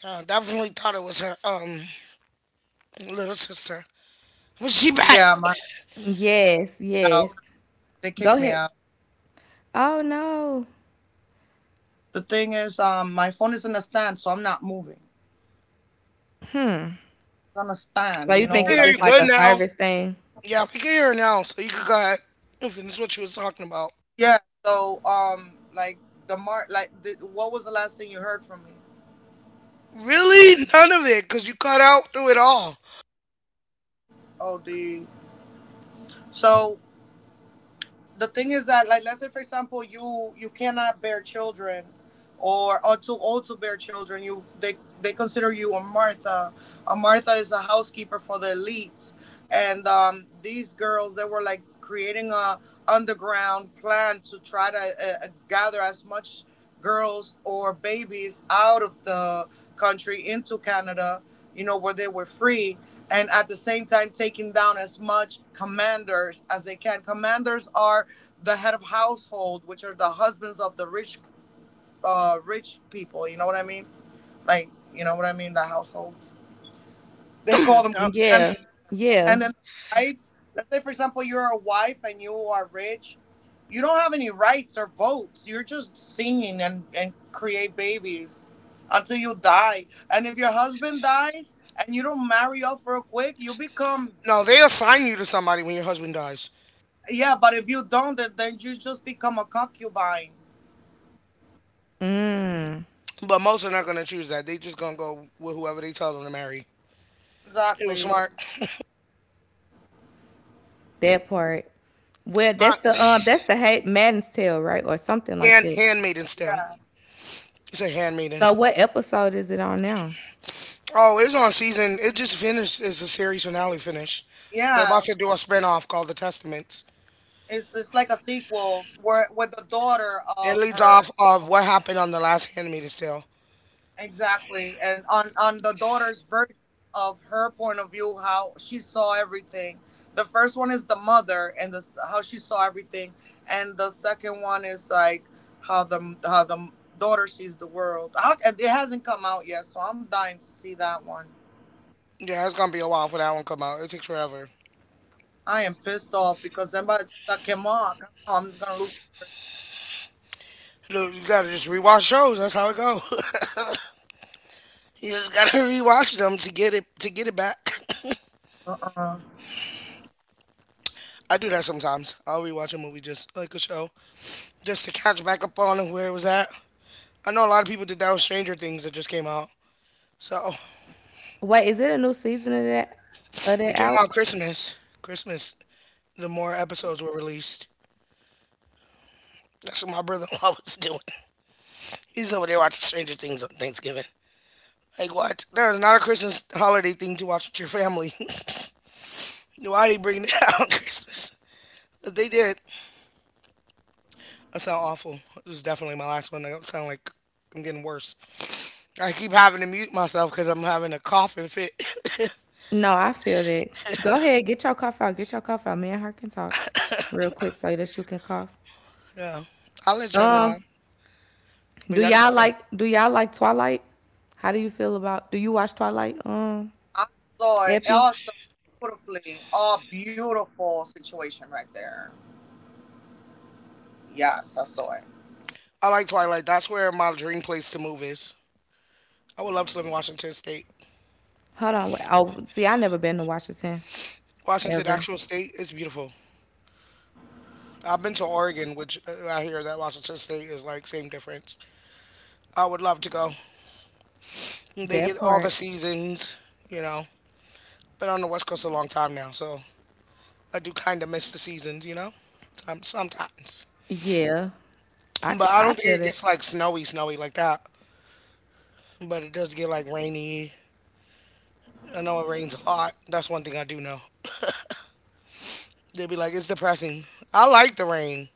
Speaker 1: Yeah, I definitely thought it was her um little sister. Was she back?
Speaker 2: Yes, yes. Go ahead. Oh no. Hmm. So you
Speaker 1: We
Speaker 2: think
Speaker 1: can
Speaker 2: it's
Speaker 1: hear you
Speaker 2: just like
Speaker 1: good
Speaker 2: a
Speaker 1: now.
Speaker 2: service thing?
Speaker 1: Yeah, we can hear her now, so you can go ahead and finish what you was talking about. Really? None of it, because you cut out through it all. Yep.
Speaker 2: Yeah, yeah.
Speaker 1: No, they assign you to somebody when your husband dies.
Speaker 2: Mm.
Speaker 1: But most are not going to choose that. They just going to go with whoever they tell them to marry. It was smart.
Speaker 2: That part. Well,
Speaker 1: Uh,
Speaker 2: that's the uh, that's the hate Madden's Tale, right, or something like
Speaker 1: and
Speaker 2: that.
Speaker 1: Handmaiden still. It's a Handmaiden.
Speaker 2: So, what episode is it on now?
Speaker 1: Oh, it's on season. It just finished. It's a series finale finish. They're about to do a spinoff called The Testaments. It leads off of what happened on the last Handmaid's Tale. Yeah, it's going to be a while for that one to come out. It takes forever. Look, you got to just rewatch shows. That's how it goes. You just got to rewatch them to get it to get it back. I do that sometimes. I'll rewatch a movie just like a show, just to catch back up on where it was at. I know a lot of people did that with Stranger Things that just came out. So
Speaker 2: Wait, is it a new season of that of
Speaker 1: it
Speaker 2: that
Speaker 1: came out
Speaker 2: out?
Speaker 1: Christmas. Christmas, the more episodes were released. That's what my brother-in-law was doing. He's over there watching Stranger Things on Thanksgiving. Like what? There is not a Christmas holiday thing to watch with your family. Why are they bringing it out on Christmas? But they did. That sound awful. This is definitely my last one. I sound like I'm getting worse. I keep having to mute myself because I'm having a coughing fit.
Speaker 2: No, I feel that. Go ahead, get your cough out. Get your cough out. Me and her can talk real quick so that you can cough.
Speaker 1: Yeah. I'll let y'all know.
Speaker 2: Um,
Speaker 1: But
Speaker 2: do
Speaker 1: y'all can
Speaker 2: y'all
Speaker 1: talk about.
Speaker 2: like do y'all like Twilight? How do you feel about? Do you watch Twilight? Um, Epi.
Speaker 1: I like Twilight. That's where my dream place to move is. I would love to live in Washington State.
Speaker 2: Hold on, wait. Oh, see, I never been to Washington
Speaker 1: Washington
Speaker 2: ever.
Speaker 1: actual state is beautiful. I've been to Oregon, which uh, I hear that Washington State is like same difference. I would love to go. They
Speaker 2: That
Speaker 1: get all the
Speaker 2: part.
Speaker 1: seasons, you know. Been on the West Coast a long time now, so I do kind of miss the seasons, you know. Some, sometimes,
Speaker 2: Yeah, I
Speaker 1: but
Speaker 2: could,
Speaker 1: I
Speaker 2: I
Speaker 1: don't think
Speaker 2: feel
Speaker 1: it
Speaker 2: that.
Speaker 1: gets like snowy, snowy like that. But it does get like rainy. I know it rains a lot. That's one thing I do know. They'd be like, it's depressing. I like the rain,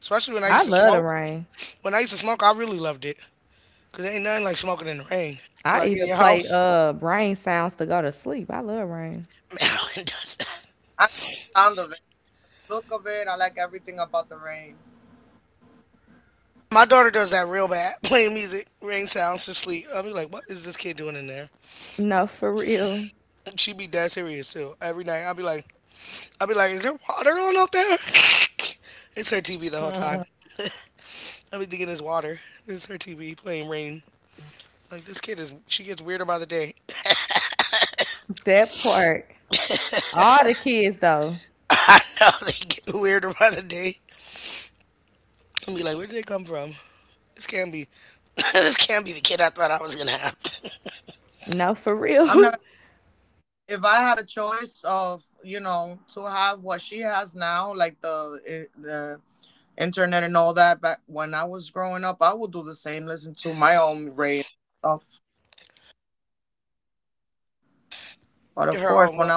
Speaker 1: especially when I
Speaker 2: I
Speaker 1: used to
Speaker 2: love the
Speaker 1: smoke.
Speaker 2: rain.
Speaker 1: When I used to smoke, I really loved it because ain't nothing like smoking in the rain,
Speaker 2: I
Speaker 1: like in
Speaker 2: even
Speaker 1: your
Speaker 2: play
Speaker 1: house.
Speaker 2: uh rain sounds to go to sleep. I love rain.
Speaker 1: Madeline does that. My daughter does that real bad, playing music, rain sounds to sleep. I'll be like, what is this kid doing in there?
Speaker 2: No, for real.
Speaker 1: She be dead serious too. Every night, I'll be like, I'll be like, is there water on out there? It's her T V the whole time. I'll be thinking it's water. It's her T V playing rain. Like this kid is, she gets weirder by the day.
Speaker 2: That part. All the kids though.
Speaker 1: I know they get weirder by the day. And be like, where did they come from? This can't be, this can't be the kid I thought I was gonna have.
Speaker 2: No, for real.
Speaker 1: Her own one.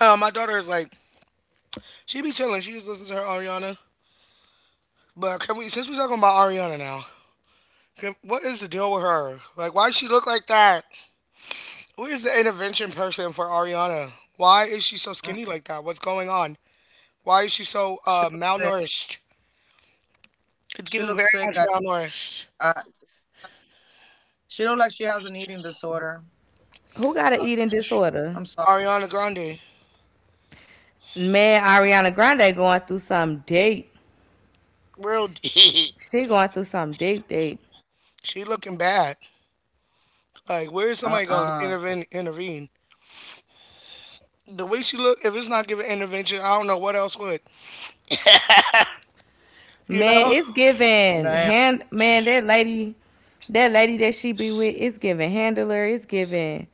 Speaker 1: Yeah, my daughter is like, she be chilling. She just listens to her Ariana. But can we, since we're talking about Ariana now, can, what is the deal with her? Like, why does she look like that? Where's the intervention person for Ariana? Why is she so skinny like that? What's going on? Why is she so uh, malnourished? It's giving very much malnourished.
Speaker 2: Who got an eating disorder?
Speaker 1: Ariana Grande,
Speaker 2: Man, Ariana Grande going through some deep.
Speaker 1: real,
Speaker 2: She going through some deep deep.
Speaker 1: she looking bad. Like, where is somebody gonna intervene? Intervene? The way she look, if it's not giving intervention, I don't know what else would. You
Speaker 2: Man,
Speaker 1: know?
Speaker 2: it's giving hand man, that lady that lady that she be with, it's giving handler, it's giving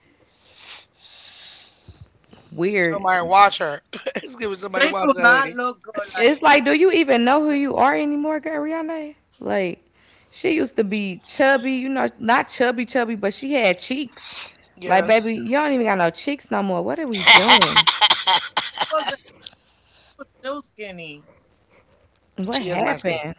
Speaker 2: weird.
Speaker 1: Somebody watch her. It's giving somebody watch that lady.
Speaker 2: It's like, do you even know who you are anymore, girl, Rihanna? Like, she used to be chubby, you know, not chubby, chubby, but she had cheeks. Like,
Speaker 1: Yeah,
Speaker 2: baby, you don't even got no cheeks no more. What are we doing? What
Speaker 1: she is masculine.
Speaker 2: happened?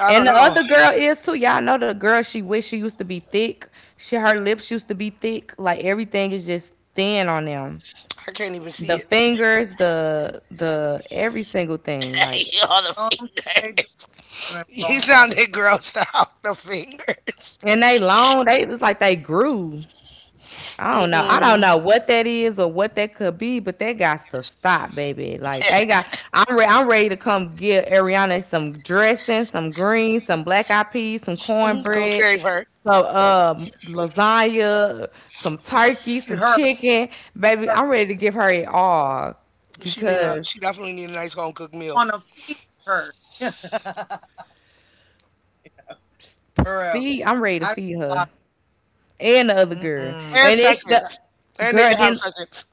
Speaker 1: I don't
Speaker 2: And the
Speaker 1: know.
Speaker 2: other girl is too. Y'all know the girl. She wish she used to be thick. She her lips used to be thick. Like everything is just thin on them.
Speaker 1: I can't even
Speaker 2: The
Speaker 1: see it.
Speaker 2: fingers, the the every single thing. Like
Speaker 1: You all the finger. You sounded grossed out. The fingers.
Speaker 2: and they long. They it's like they grew. I don't know. I don't
Speaker 1: Mm-mm.
Speaker 2: know what that is or what that could be, but that got to stop, baby. Like they got, I'm re- I'm ready to come give Ariana some dressing, some greens, some black eyed peas, some
Speaker 1: Mm, go
Speaker 2: cornbread,
Speaker 1: save her.
Speaker 2: some um lasagna, some turkey, some chicken, baby. I'm ready to give her it all
Speaker 1: She need a.
Speaker 2: because
Speaker 1: She definitely need a nice home cooked meal
Speaker 2: feed. I'm ready to feed her and the other girl,
Speaker 1: and
Speaker 2: and it's the
Speaker 1: seconds. And they
Speaker 2: girl.
Speaker 1: can have
Speaker 2: Then…
Speaker 1: seconds.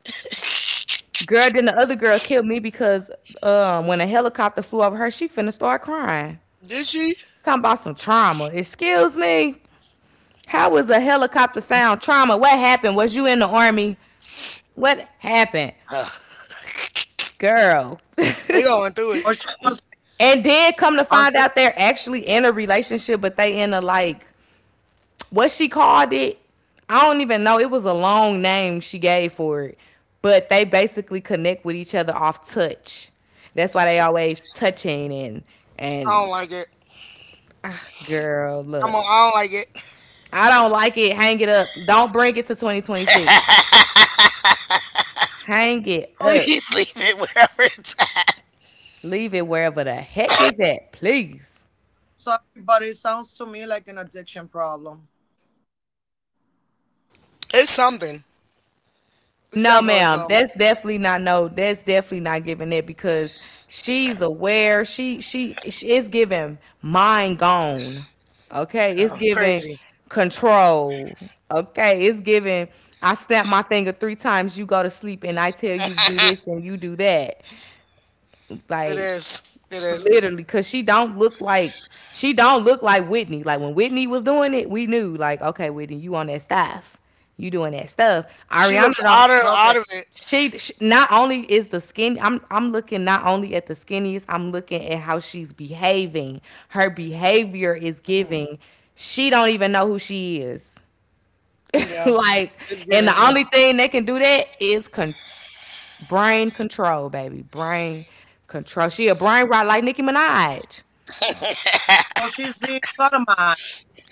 Speaker 2: Girl, then the other girl killed me because um, when a helicopter flew over her, she finna start crying.
Speaker 1: Did she?
Speaker 2: Talking about some trauma. Excuse me. How was a helicopter sound trauma? What happened? Was you in the army? What happened?
Speaker 1: Ugh.
Speaker 2: Girl.
Speaker 1: They going through it.
Speaker 2: And then come to find out they're actually in a relationship, but they in a like… what she called it. I don't even know. It was a long name she gave for it. But they basically connect with each other off touch. That's why they always touching and
Speaker 1: I
Speaker 2: and
Speaker 1: don't like it.
Speaker 2: Girl,
Speaker 1: I'm. On,
Speaker 2: look.
Speaker 1: I don't like
Speaker 2: I don't like it. Hang it up. Don't bring it to twenty twenty-six.
Speaker 1: it.
Speaker 2: Hang it up.
Speaker 1: Please leave it wherever it's at.
Speaker 2: Leave it wherever the heck it's at, please.
Speaker 1: It's something. It's
Speaker 2: No,
Speaker 1: definitely
Speaker 2: ma'am.
Speaker 1: some,
Speaker 2: That's definitely not no. That's definitely not giving it because she's aware. She she, she is giving mind gone. Okay, it's
Speaker 1: yeah,
Speaker 2: giving
Speaker 1: crazy.
Speaker 2: control. Okay, it's giving. I snap my finger three times. You go to sleep, and I tell you to do this, and you do that.
Speaker 1: It
Speaker 2: Like…
Speaker 1: is. It
Speaker 2: F-
Speaker 1: is.
Speaker 2: literally because she don't look like she don't look like Whitney. Like when Whitney was doing it we knew like okay Whitney you on that stuff, you doing that stuff.
Speaker 1: She
Speaker 2: Ariana
Speaker 1: looks
Speaker 2: don't…
Speaker 1: out of out of it.
Speaker 2: she, she not only is the skin, i'm I'm looking not only at the skinniest, I'm looking at how she's behaving. Her behavior is giving she don't even know who she is.
Speaker 1: Yeah,
Speaker 2: Like,
Speaker 1: it's
Speaker 2: and the
Speaker 1: getting.
Speaker 2: only thing that can do that is con- brain control, baby. Brain control. She a brain rot like Nicki Minaj.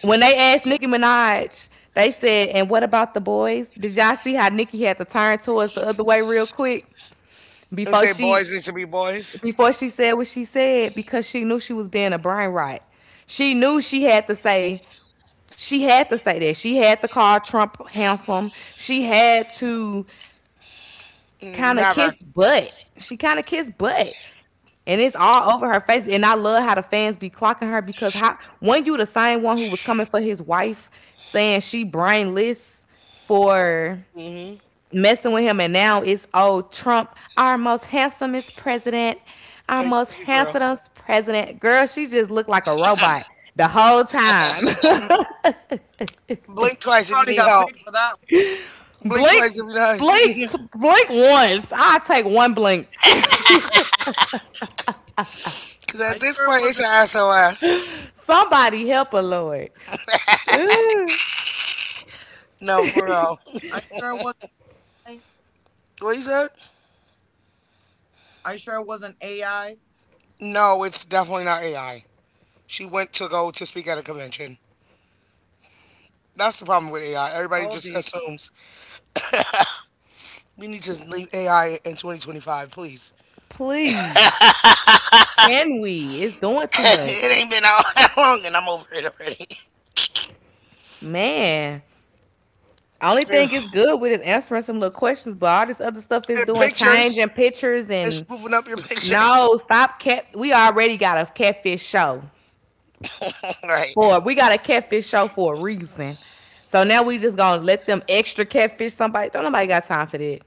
Speaker 2: When they asked Nicki Minaj, they said, "And what about the boys?" Did y'all see how Nicki had to turn towards the other way real quick
Speaker 1: And
Speaker 2: before
Speaker 1: say
Speaker 2: she
Speaker 1: boys need to be boys.
Speaker 2: before she said what she said, because she knew she was being a brain rot. She knew she had to say. She had to say that. She had to call Trump handsome. She had to
Speaker 1: Mm,
Speaker 2: kind of
Speaker 1: never.
Speaker 2: kissed butt. She kind of kissed butt. And it's all over her face. And I love how the fans be clocking her because how when you the same one who was coming for his wife saying she brainless for
Speaker 1: Hmm.
Speaker 2: messing with him, and now it's oh Trump, our most handsomest president, our
Speaker 1: Like,
Speaker 2: most
Speaker 1: let's be for real.
Speaker 2: handsomest president. Girl, she just looked like a robot the whole time.
Speaker 1: Blink twice if you need help. Blink
Speaker 2: blink,
Speaker 1: twice if you
Speaker 2: blink,
Speaker 1: need help.
Speaker 2: Blink once. I'll take one blink.
Speaker 1: Because at this point, it's an S O S.
Speaker 2: Somebody help her, Lord.
Speaker 1: No, for real. What you said? No, it's definitely not A I. She went to go to speak at a convention. That's the problem with A I. Everybody just assumes we need to leave A I in twenty twenty-five, please.
Speaker 2: Please, can we? It's doing too much,
Speaker 1: It ain't been out that long, and I'm over it already.
Speaker 2: man. Only
Speaker 1: Yeah.
Speaker 2: thing is good with is answering some little questions, but all this other stuff is
Speaker 1: And
Speaker 2: doing
Speaker 1: pictures,
Speaker 2: changing pictures
Speaker 1: it's
Speaker 2: and
Speaker 1: moving up your pictures.
Speaker 2: no stop cat. We already got a catfish show
Speaker 1: Right,
Speaker 2: for we got a catfish show for a reason. So now we just gonna let them extra catfish somebody. Don't nobody got time for that.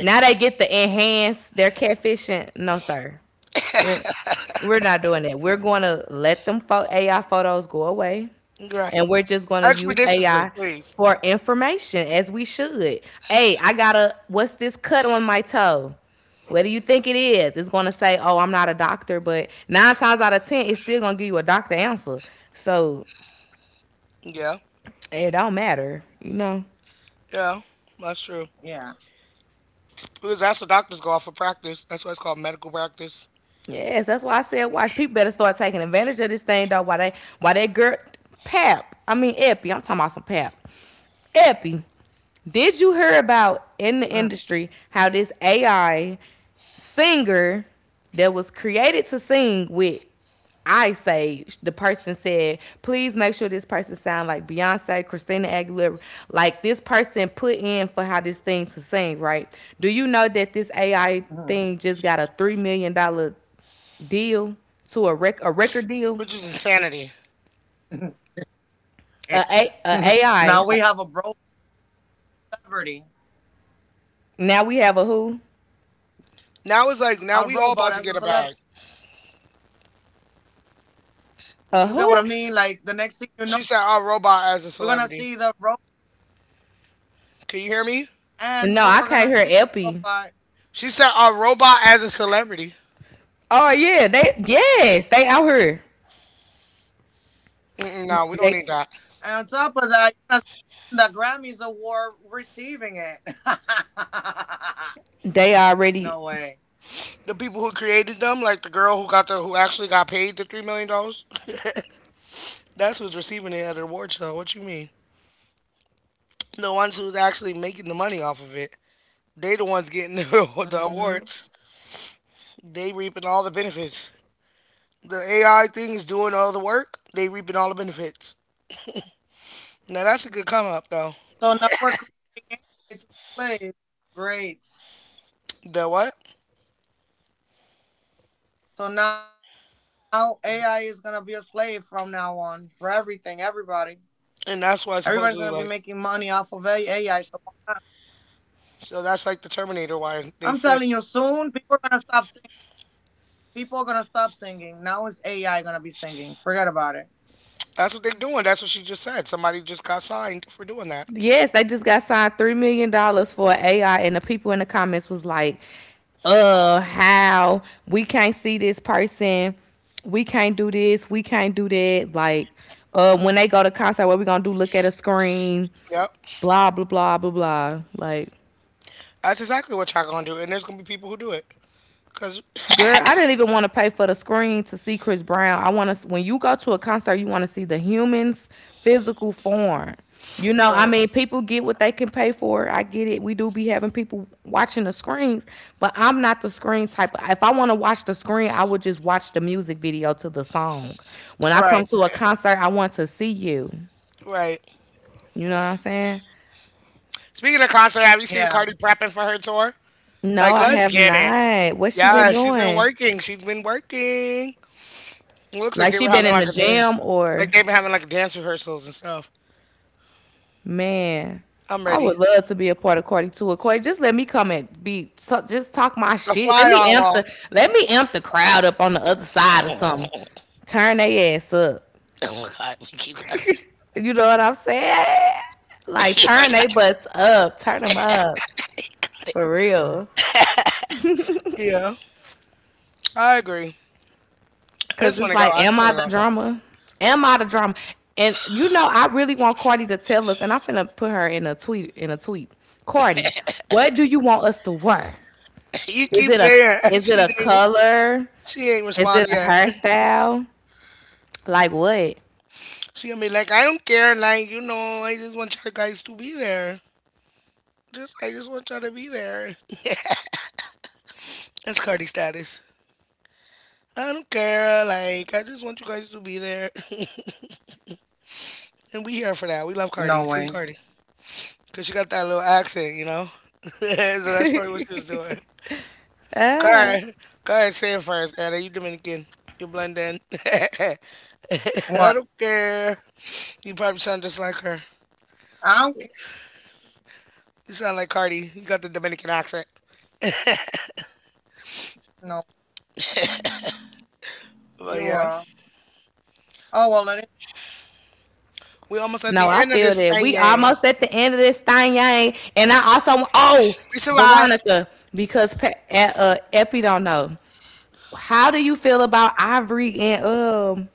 Speaker 2: Now they get the enhance their catfishing. No sir. We're we're not doing that. We're going to let them pho- A I photos go away,
Speaker 1: right.
Speaker 2: and we're just going to use
Speaker 1: Expeditiously,
Speaker 2: A I
Speaker 1: please.
Speaker 2: for information as we should. Hey, I got a what's this cut on my toe? What do you think it is? It's going to say, "Oh, I'm not a doctor," but nine times out of ten, it's still going to give you a doctor answer. So
Speaker 1: Yeah,
Speaker 2: it don't matter, you know.
Speaker 1: yeah, that's true. Because that's what doctors go off for practice. That's why it's called medical practice,
Speaker 2: Yes, that's why I said watch. People better start taking advantage of this thing though. Why they why they girl… Pap. I mean Epi. I'm talking about some Pap. Epi. Did you hear about in the industry how this A I singer that was created to sing with… I say the person said, please make sure this person sound like Beyonce, Christina Aguilera, like this person put in for how this thing to sing, right? Do you know that this A I thing just got a three million dollar deal to a rec a record deal,
Speaker 1: which is insanity.
Speaker 2: a, a, a AI. Now we have a who,
Speaker 1: Now it's like now we all about to get a bag.
Speaker 2: a who?
Speaker 1: She said our robot as a celebrity. Can you hear me?
Speaker 2: No, I can't hear Epi.
Speaker 1: She said our robot as a celebrity.
Speaker 2: Oh yeah, they yes they out here.
Speaker 1: Mm-mm, no, we don't need
Speaker 2: They
Speaker 1: that.
Speaker 2: they already
Speaker 1: The people who created them, like the girl who got the who actually got paid the three million dollars, that's who's receiving it at the award show. What you mean? The ones who's actually making the money off of it, they the ones getting the, the awards. They reaping all the benefits. The A I thing is doing all the work. They reaping all the benefits. Now that's a good come up though. The what? And that's why supposedly like, so that's like the Terminator why they flip? That's what they're doing. That's what she just said. Somebody just got signed for doing that.
Speaker 2: yes they just got signed three million dollars for A I, and the people in the comments was like, uh, how we can't see this person, we can't do this, we can't do that. Like, uh, when they go to concert, what we gonna do? Look at a screen.
Speaker 1: Yep.
Speaker 2: Blah blah blah blah blah. Like,
Speaker 1: That's exactly what y'all gonna do, and there's gonna be people who do it. Cause
Speaker 2: girl, I didn't even want to pay for the screen to see Chris Brown. I want to… when you go to a concert, you want to see the human's physical form. You know, I
Speaker 1: right,
Speaker 2: mean, people get what they can pay for. I get it. We do be having people watching the screens, but I'm not the screen type. If I want to watch the screen, I would just watch the music video to the song. When I
Speaker 1: right,
Speaker 2: come to a concert, I want to see you.
Speaker 1: right.
Speaker 2: You know what I'm saying?
Speaker 1: Speaking of concert, have you seen Cardi prepping for her tour?
Speaker 2: No,
Speaker 1: Like,
Speaker 2: I
Speaker 1: let's
Speaker 2: have
Speaker 1: get it.
Speaker 2: not. What's she been
Speaker 1: Yeah, she's been
Speaker 2: doing?
Speaker 1: working. She's been working. It looks like
Speaker 2: Like
Speaker 1: they
Speaker 2: she
Speaker 1: were
Speaker 2: been
Speaker 1: having
Speaker 2: in
Speaker 1: like
Speaker 2: the
Speaker 1: a day,
Speaker 2: gym
Speaker 1: like
Speaker 2: or…
Speaker 1: they've been having like dance rehearsals and stuff.
Speaker 2: Man,
Speaker 1: I'm
Speaker 2: I would
Speaker 1: ready.
Speaker 2: love to be a part of Cardi Tour. Corey, just let me come and be so, just talk my
Speaker 1: A
Speaker 2: shit. Let
Speaker 1: fly
Speaker 2: me
Speaker 1: on
Speaker 2: amp
Speaker 1: wall.
Speaker 2: the let me amp the crowd up on the other side or something. Turn they ass up.
Speaker 1: Oh my god, we keep cussing.
Speaker 2: You know what I'm saying? Like
Speaker 1: Oh my
Speaker 2: turn
Speaker 1: god.
Speaker 2: they butts up. Turn them up for real.
Speaker 1: Yeah, I agree. I
Speaker 2: Cause
Speaker 1: just want
Speaker 2: it's
Speaker 1: to go.
Speaker 2: like,
Speaker 1: I
Speaker 2: am
Speaker 1: just
Speaker 2: I the
Speaker 1: want.
Speaker 2: drama? Am I the drama? And you know, I really want Cardi to tell us. And I'm finna put her in a tweet. In a tweet, Cardi, what do you want us to wear?
Speaker 1: You
Speaker 2: Is
Speaker 1: keep
Speaker 2: it a
Speaker 1: saying
Speaker 2: is it
Speaker 1: she
Speaker 2: a
Speaker 1: ain't
Speaker 2: color?
Speaker 1: she ain't
Speaker 2: Is
Speaker 1: respond
Speaker 2: it a
Speaker 1: yet.
Speaker 2: hairstyle? Like what?
Speaker 1: She gonna be like, I don't care, like you know, I just want y'all guys to be there. Just I just want y'all to be there. That's Cardi status. I don't care, like I just want you guys to be there, and we here for that. We love Cardi, Team Cardi, cause she got that little accent, you know. So that's probably what she was doing. Car, Car, say it first, Anna. You Dominican, you blend in. I don't care. You probably sound just like her. You sound like Cardi. You got the Dominican accent. But yeah, we almost at
Speaker 2: No,
Speaker 1: the
Speaker 2: I
Speaker 1: end of
Speaker 2: feel
Speaker 1: this
Speaker 2: that we
Speaker 1: thing.
Speaker 2: almost at the end of this thing, yang. And I also oh
Speaker 1: We survived.
Speaker 2: Veronica because Pe- uh, uh, Epi don't know. How do you feel about Ivory and um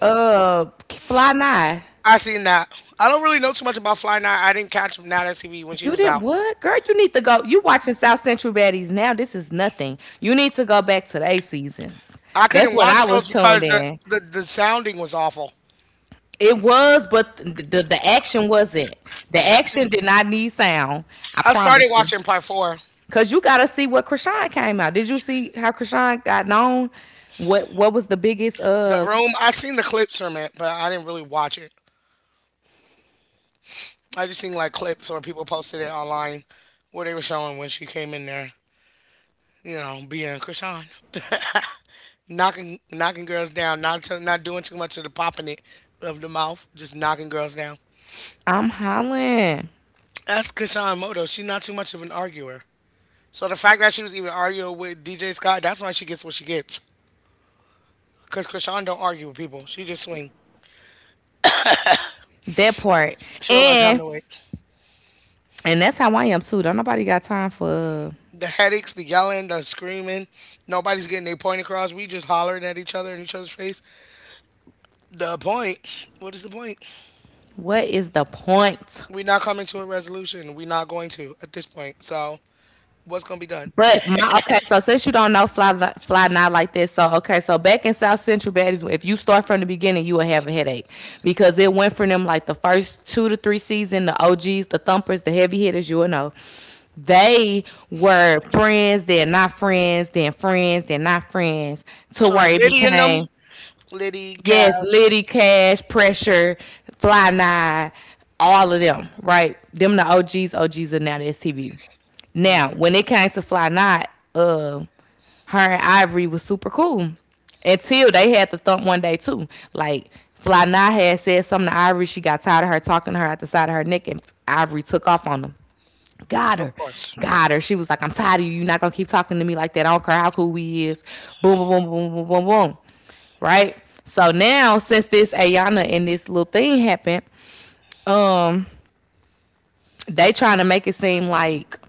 Speaker 2: uh Fly Nye?
Speaker 1: I seen that. I don't really know too much about Fly Night. I didn't catch Nat S C V when she
Speaker 2: You
Speaker 1: was
Speaker 2: didn't
Speaker 1: out.
Speaker 2: what? Girl, you need to go. You watching South Central Baddies now. This is nothing. You need to go back to their seasons.
Speaker 1: I
Speaker 2: That's
Speaker 1: couldn't
Speaker 2: what I
Speaker 1: watch
Speaker 2: was
Speaker 1: those
Speaker 2: tuned
Speaker 1: because the,
Speaker 2: in.
Speaker 1: the, the sounding was awful.
Speaker 2: It was, but the, the the action wasn't. The action did not need sound. I
Speaker 1: I started
Speaker 2: promise you,
Speaker 1: watching part four.
Speaker 2: because you got to see what Krishan came out. Did you see how Krishan got known? What What was the biggest?
Speaker 1: The
Speaker 2: Uh,
Speaker 1: room, I seen the clips from it, but I didn't really watch it. I just seen like clips or people posted it online where they were showing when she came in there, you know, being Krishan. Knocking knocking girls down, not to, not doing too much of the popping it of the mouth, just knocking girls down.
Speaker 2: I'm hollering
Speaker 1: That's Krishan Moto. She's not too much of an arguer. So the fact that she was even arguing with D J Scott, that's why she gets what she gets. Cause Krishan don't argue with people. She just swing.
Speaker 2: that part,
Speaker 1: She don't got time
Speaker 2: and
Speaker 1: to wait.
Speaker 2: and that's how I am too. Don't nobody got time for. Uh,
Speaker 1: The headaches, the yelling, the screaming, nobody's getting their point across. We just hollering at each other in each other's face. The point. What is the point?
Speaker 2: what is the point?
Speaker 1: We not coming to a resolution. We not going to at this point. So what's gonna be done?
Speaker 2: But my okay, so since you don't know fly li- fly not like this, so okay, so back in South Central Baddies, if you start from the beginning, you will have a headache because it went from them like the first two to three season, the O Gs, the thumpers, the heavy hitters, you will know. They were friends, then not friends, then friends, then not friends, to
Speaker 1: So
Speaker 2: where
Speaker 1: like
Speaker 2: it
Speaker 1: Liddy and them,
Speaker 2: became
Speaker 1: Liddy,
Speaker 2: yes,
Speaker 1: Cash,
Speaker 2: Liddy, Cash, Pressure, Fly Nine, all of them, right? Them the O Gs, O Gs are now the S T V. Now,
Speaker 1: mhm,
Speaker 2: when it came to Fly Nine, uh, her and Ivory was super cool until they had the thump one day too. Like Fly Nine had said something to Ivory, she got tired of her talking to her at the side of her neck, and Ivory took off on them. Got
Speaker 1: of
Speaker 2: her.
Speaker 1: course.
Speaker 2: Got her. She was like, I'm tired of you. You're not gonna keep talking to me like that. I don't care how cool we is. Boom, boom, boom, boom, boom, boom, boom. Right? So now since this Ayana and this little thing happened, um, they trying to make it seem like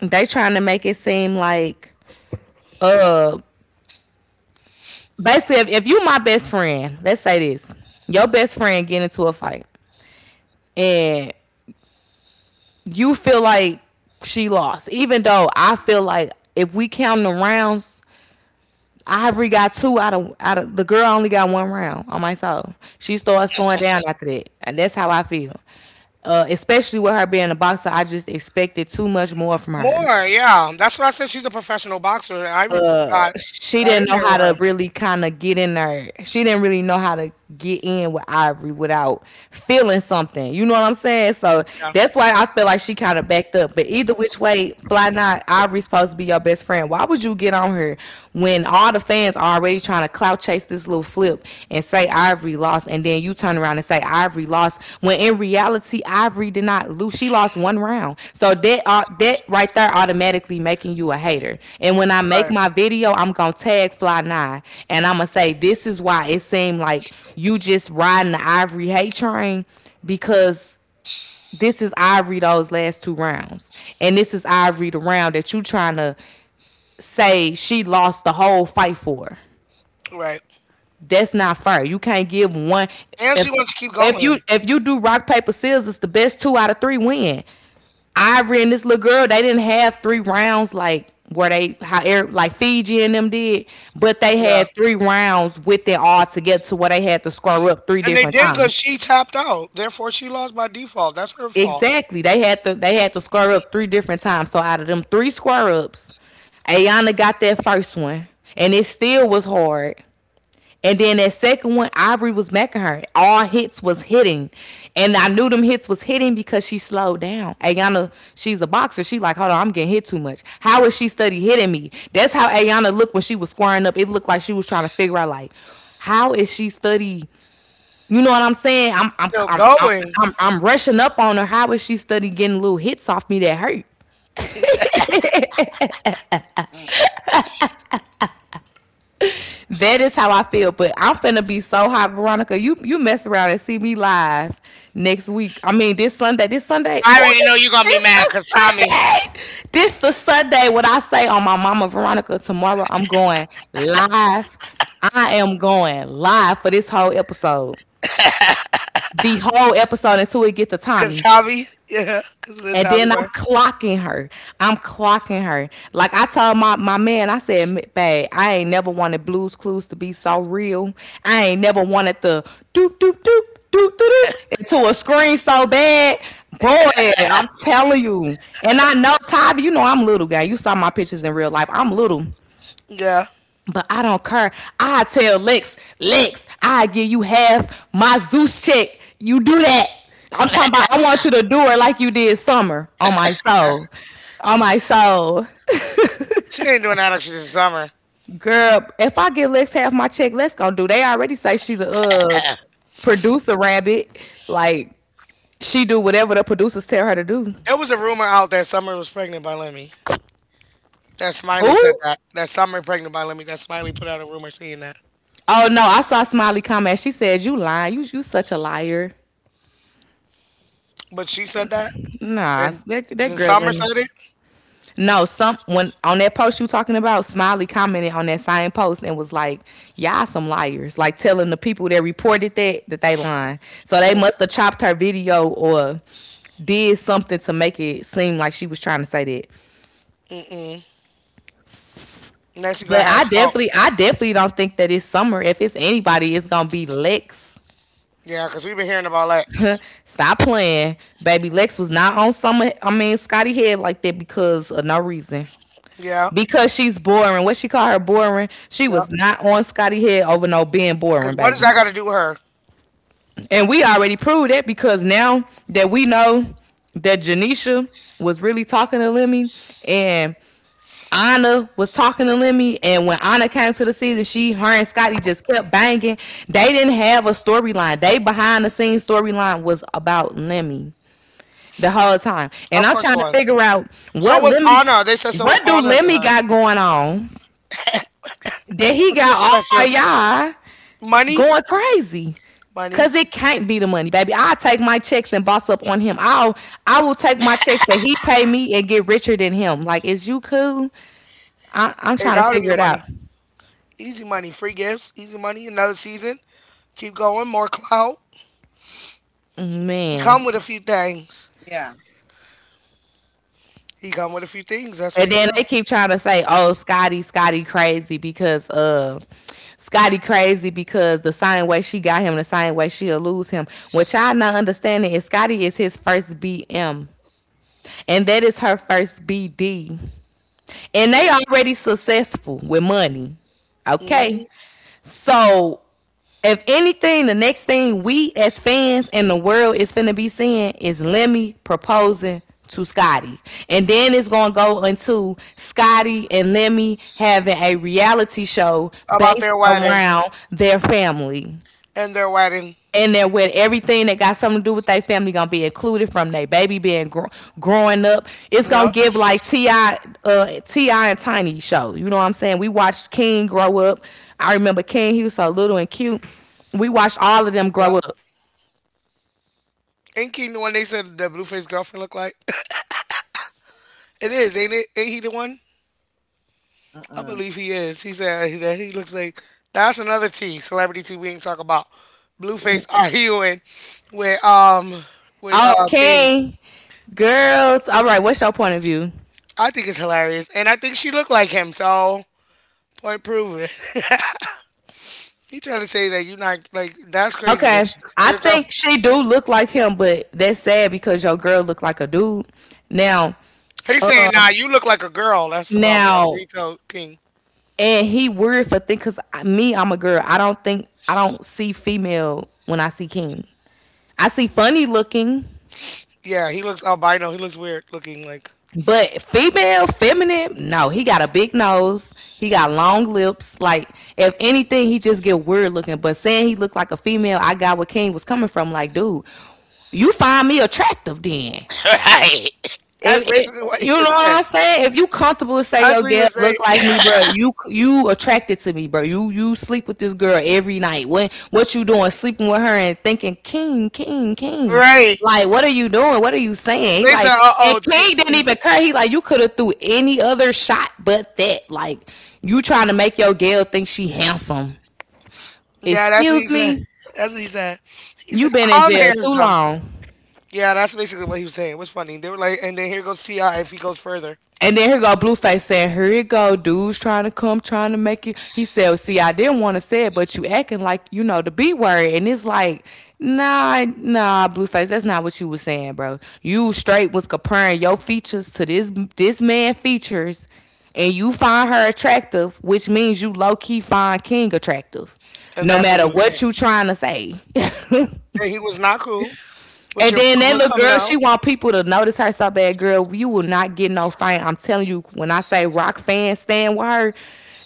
Speaker 2: they trying to make it seem like uh basically if, if you my best friend, let's say this. Your best friend get into a fight and you feel like she lost, even though I feel like if we count the rounds Ivory got two out of out of the girl only got one round on my soul. She started slowing down after that, and that's how I feel. Uh, especially with her being a boxer, I just expected too much more from her.
Speaker 1: More, yeah. That's what I said. She's a professional boxer. I re- got
Speaker 2: She
Speaker 1: got
Speaker 2: didn't
Speaker 1: in
Speaker 2: know
Speaker 1: there
Speaker 2: how
Speaker 1: with her.
Speaker 2: to really kind of get in there. She didn't really know how to get in with Ivory without feeling something. You know what I'm saying? So
Speaker 1: Yeah,
Speaker 2: that's why I feel like she kind of backed up. But either which way, fly not Ivory's supposed to be your best friend. Why would you get on her when all the fans are already trying to clout chase this little flip and say Ivory lost, and then you turn around and say Ivory lost when in reality Ivory did not lose. She lost one round, so that uh, that right there automatically making you a hater. And when I make
Speaker 1: right,
Speaker 2: my video, I'm gonna tag Fly Nine, and I'm gonna say this is why it seemed like you just riding the Ivory hate train because this is Ivory those last two rounds, and this is Ivory the round that you trying to say she lost the whole fight for.
Speaker 1: right.
Speaker 2: That's not fair. You can't give one.
Speaker 1: And
Speaker 2: If
Speaker 1: she wants to keep
Speaker 2: if you
Speaker 1: going.
Speaker 2: if you do rock paper scissors, the best two out of three win. Ivory and this little girl, they didn't have three rounds like where they how er- like Fiji and them did, but they
Speaker 1: Yeah,
Speaker 2: had three rounds with it all to get to where they had to square up three
Speaker 1: and they
Speaker 2: different
Speaker 1: did because
Speaker 2: times.
Speaker 1: she tapped out. Therefore, she lost by default. That's her fault.
Speaker 2: Exactly. They had to they had to square up three different times. So out of them three square ups, Ayana got that first one. And it still was hard. And then that second one, Ivory was macking her. All hits was hitting. And I knew them hits was hitting because she slowed down. Ayanna, she's a boxer. She like, hold on, I'm getting hit too much. How is she study hitting me? That's how Ayanna looked when she was squaring up. It looked like she was trying to figure out like, how is she study? You know what I'm saying? I'm I'm
Speaker 1: Still
Speaker 2: I'm I'm,
Speaker 1: going.
Speaker 2: I'm, I'm rushing up on her. How is she study getting little hits off me that hurt? That is how I feel. But I'm finna be so hot, Veronica. You you mess around and see me live next week. I mean this Sunday. This Sunday.
Speaker 1: I
Speaker 2: Oh,
Speaker 1: already
Speaker 2: this
Speaker 1: know you're gonna be
Speaker 2: this
Speaker 1: mad
Speaker 2: the
Speaker 1: because Tommy,
Speaker 2: Sunday. This the Sunday. What I say on my mama Veronica tomorrow. I'm going live. I am going live for this whole episode. The whole episode until it get to
Speaker 1: because
Speaker 2: Tommy.
Speaker 1: Tommy, yeah, because of the
Speaker 2: And
Speaker 1: Tommy
Speaker 2: then I'm
Speaker 1: part.
Speaker 2: clocking her. I'm clocking her. Like I told my, my man, I said, "M- babe, I ain't never wanted Blues Clues to be so real. I ain't never wanted the doop doop doop doop doop doop into a screen so bad. Boy, I'm telling you. And I know Tyler, you know I'm little guy. You saw my pictures in real life. I'm little.
Speaker 1: Yeah,
Speaker 2: But I don't care. I tell Lex, Lex, I give you half my Zeus check. You do that. I'm talking about I want you to do it like you did summer on my soul. On my soul.
Speaker 1: she ain't doing that like she did Summer.
Speaker 2: Girl, if I give Lex half my check, Lex gonna do. They already say she the uh producer rabbit. Like she do whatever the producers tell her to do.
Speaker 1: There was a rumor out that Summer was pregnant by Lemmy. That Smiley said
Speaker 2: Who?
Speaker 1: that. That Summer pregnant by Lemmy. That Smiley put out a rumor saying that.
Speaker 2: Oh no, I saw Smiley comment. She said, you lying. You you such a liar.
Speaker 1: But she said that.
Speaker 2: Nah,
Speaker 1: Then
Speaker 2: that that
Speaker 1: then
Speaker 2: girl
Speaker 1: Summer
Speaker 2: lemon.
Speaker 1: said it.
Speaker 2: No, some when on that post you talking about, Smiley commented on that same post and was like, "Y'all some liars!" Like telling the people that reported that that they lying. So they
Speaker 1: Mm,
Speaker 2: must have chopped her video or did something to make it seem like she was trying to say that.
Speaker 1: mm-mm. Now she gonna
Speaker 2: But
Speaker 1: have
Speaker 2: I
Speaker 1: smoke.
Speaker 2: definitely, I definitely don't think that it's Summer. If it's anybody, it's gonna be Lex.
Speaker 1: Yeah, because we've been hearing about Lex.
Speaker 2: Stop playing, baby. Lex was not on Summer. I mean, Scotty head like that because of no reason.
Speaker 1: Yeah.
Speaker 2: Because she's boring. What she call her boring? She
Speaker 1: Yep.
Speaker 2: was not on Scotty head over no being boring,
Speaker 1: Because what does
Speaker 2: baby.
Speaker 1: that got to do with her?
Speaker 2: And we already proved that because now that we know that Janisha was really talking to Lemmy and Anna was talking to Lemmy, and when Anna came to the season, she, her, and Scotty just kept banging. They didn't have a storyline. They behind the scenes storyline was about Lemmy the whole time, and
Speaker 1: Of
Speaker 2: I'm
Speaker 1: course it
Speaker 2: trying to
Speaker 1: was.
Speaker 2: figure out
Speaker 1: So
Speaker 2: what
Speaker 1: was
Speaker 2: Lemmy,
Speaker 1: Anna. They said so was
Speaker 2: what do
Speaker 1: Anna's and
Speaker 2: Lemmy
Speaker 1: hers.
Speaker 2: got going on that he
Speaker 1: What's so
Speaker 2: got all
Speaker 1: special?
Speaker 2: y'all
Speaker 1: Money?
Speaker 2: going crazy. Cause
Speaker 1: Money.
Speaker 2: it can't be the money, baby. I'll take my checks and boss up on him. I'll I will take my checks that he pay me and get richer than him. Like, is you cool? I, I'm
Speaker 1: It
Speaker 2: trying to
Speaker 1: got to be
Speaker 2: figure
Speaker 1: the
Speaker 2: it out.
Speaker 1: money. Easy money. Free gifts. Easy money. Another season. Keep going. More clout. He
Speaker 2: Man.
Speaker 1: come with a few things. He come with a few things. That's what
Speaker 2: And
Speaker 1: he
Speaker 2: then
Speaker 1: got.
Speaker 2: they keep trying to say, oh, Scotty, Scotty crazy because uh Scotty crazy because the same way she got him, the same way she'll lose him. What y'all not understanding is Scotty is his first B M. And that is her first B D. And they already successful with money. Okay.
Speaker 1: Mm-hmm.
Speaker 2: So if anything, the next thing we as fans in the world is finna be seeing is Lemmy proposing to Scotty. And then it's gonna go into Scotty and Lemmy having a reality show
Speaker 1: About their
Speaker 2: based
Speaker 1: wedding
Speaker 2: around their family
Speaker 1: and their wedding.
Speaker 2: and they're with everything that got something to do with their family gonna be included from their baby being gro- growing up. It's gonna
Speaker 1: Yep,
Speaker 2: give like Ti, uh, Ti and Tiny show. You know what I'm saying? We watched King grow up. I remember King. He was so little and cute. We watched all of them
Speaker 1: yep.
Speaker 2: grow up.
Speaker 1: Ain't Keaton the one they said the blueface girlfriend looked like? It is, ain't it? Ain't he the one? I believe he is. He said that he looks like that's another T, celebrity T we ain't talk about. Blueface are healing with um with
Speaker 2: Oh,
Speaker 1: uh King.
Speaker 2: King, girls. All right, what's your point of view?
Speaker 1: I think it's hilarious. And I think she looked like him, so point proven. He trying to say that you not like that's crazy that
Speaker 2: Okay,
Speaker 1: you,
Speaker 2: I
Speaker 1: your girl,
Speaker 2: think she do look like him, but that's sad because your girl look like a dude. Now,
Speaker 1: he's saying
Speaker 2: uh,
Speaker 1: nah you look like a girl, that's the problem. That's
Speaker 2: now
Speaker 1: what he told King.
Speaker 2: and he worried for things because me, I'm a girl, I don't think i don't see female when I see King, I see funny looking.
Speaker 1: Yeah, he looks albino. He looks weird looking. Like
Speaker 2: But female feminine, no, he got a big nose, he got long lips. Like if anything he just get weird looking, but saying he looked like a female, I got where King was coming from. Like, dude, you find me attractive then.
Speaker 1: right. That's
Speaker 2: If, if
Speaker 1: basically what
Speaker 2: you
Speaker 1: he
Speaker 2: know
Speaker 1: was
Speaker 2: what
Speaker 1: saying.
Speaker 2: I'm saying, if you comfortable to say
Speaker 1: That's
Speaker 2: your
Speaker 1: what he
Speaker 2: girl
Speaker 1: was
Speaker 2: look like
Speaker 1: saying.
Speaker 2: me, bro, you you attracted to me, bro. You you sleep with this girl every night. What what you doing? Sleeping with her and thinking king, king, king.
Speaker 1: Right.
Speaker 2: Like what are you doing? What are you saying? He
Speaker 1: They
Speaker 2: like,
Speaker 1: said, "Uh
Speaker 2: and
Speaker 1: oh." T-.
Speaker 2: King didn't even care. He like you could have threw any other shot but that. Like you trying to make your girl think she handsome.
Speaker 1: Yeah, that's what he
Speaker 2: Excuse
Speaker 1: said.
Speaker 2: me,
Speaker 1: That's what he said. He
Speaker 2: you
Speaker 1: said,
Speaker 2: been in
Speaker 1: "I'm
Speaker 2: jail too
Speaker 1: handsome."
Speaker 2: long.
Speaker 1: Yeah, that's basically what he was saying. It was funny. They were like, and then here goes Ti if he goes further,
Speaker 2: And then here go Blueface saying, "Here it go, dudes trying to come, trying to make you." He said, well, "See, I didn't want to say it, but you acting like you know the B word." And it's like, nah, nah, Blueface, that's not what you was saying, bro. You straight was comparing your features to this this man features, and you find her attractive, which means you low key find King attractive,
Speaker 1: and
Speaker 2: no
Speaker 1: that's what
Speaker 2: matter
Speaker 1: he was saying.
Speaker 2: what you trying to say.
Speaker 1: And he was not cool with
Speaker 2: And
Speaker 1: your
Speaker 2: then that
Speaker 1: public
Speaker 2: little
Speaker 1: coming
Speaker 2: girl, she
Speaker 1: out.
Speaker 2: want people to notice her so bad, girl. You will not get no fame. I'm telling you, when I say rock fans stand with her,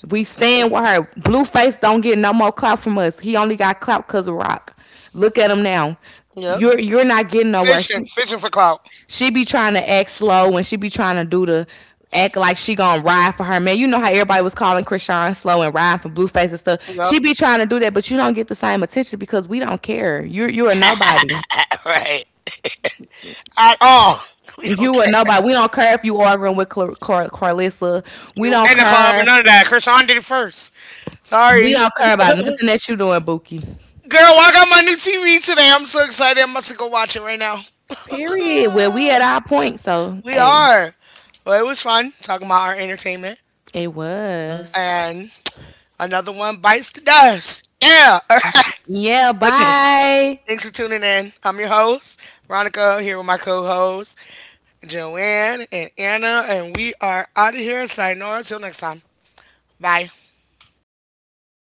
Speaker 2: we stand with her. Blueface don't get no more clout from us. He only got clout because of rock. Look at him now.
Speaker 1: Yep.
Speaker 2: You're you're not getting nowhere.
Speaker 1: Fishing,
Speaker 2: She,
Speaker 1: fishing for clout.
Speaker 2: she be trying to act slow and she be trying to do the act like she gonna ride for her man. You know how everybody was calling Krishan slow and ride for Blueface and stuff.
Speaker 1: Yep.
Speaker 2: She be trying to do that, but you don't get the same attention because we don't care. You're you're a nobody.
Speaker 1: Right. At all. We
Speaker 2: If
Speaker 1: don't
Speaker 2: you were
Speaker 1: care.
Speaker 2: nobody, we don't care if you arguing with Car- Car- Carlissa.
Speaker 1: We
Speaker 2: We
Speaker 1: were
Speaker 2: don't
Speaker 1: in the club and
Speaker 2: care.
Speaker 1: none of that. Krishan did it first.
Speaker 2: We
Speaker 1: Sorry.
Speaker 2: don't care about nothing that you doing, Buki.
Speaker 1: Girl, I got my new T V today. I'm so excited. I'm about to go watch it right now.
Speaker 2: Period. Well, we
Speaker 1: Uh,
Speaker 2: at our point, so
Speaker 1: we
Speaker 2: hey,
Speaker 1: are. Well, it was fun talking about our entertainment.
Speaker 2: it was.
Speaker 1: And another one bites the dust. Yeah. All right.
Speaker 2: Yeah.
Speaker 1: But th-
Speaker 2: Bye.
Speaker 1: Thanks for tuning in. I'm your host, Veronica, here with my co host, Joanne and Anna. And we are out of here. Sayonara. Till next time. Bye.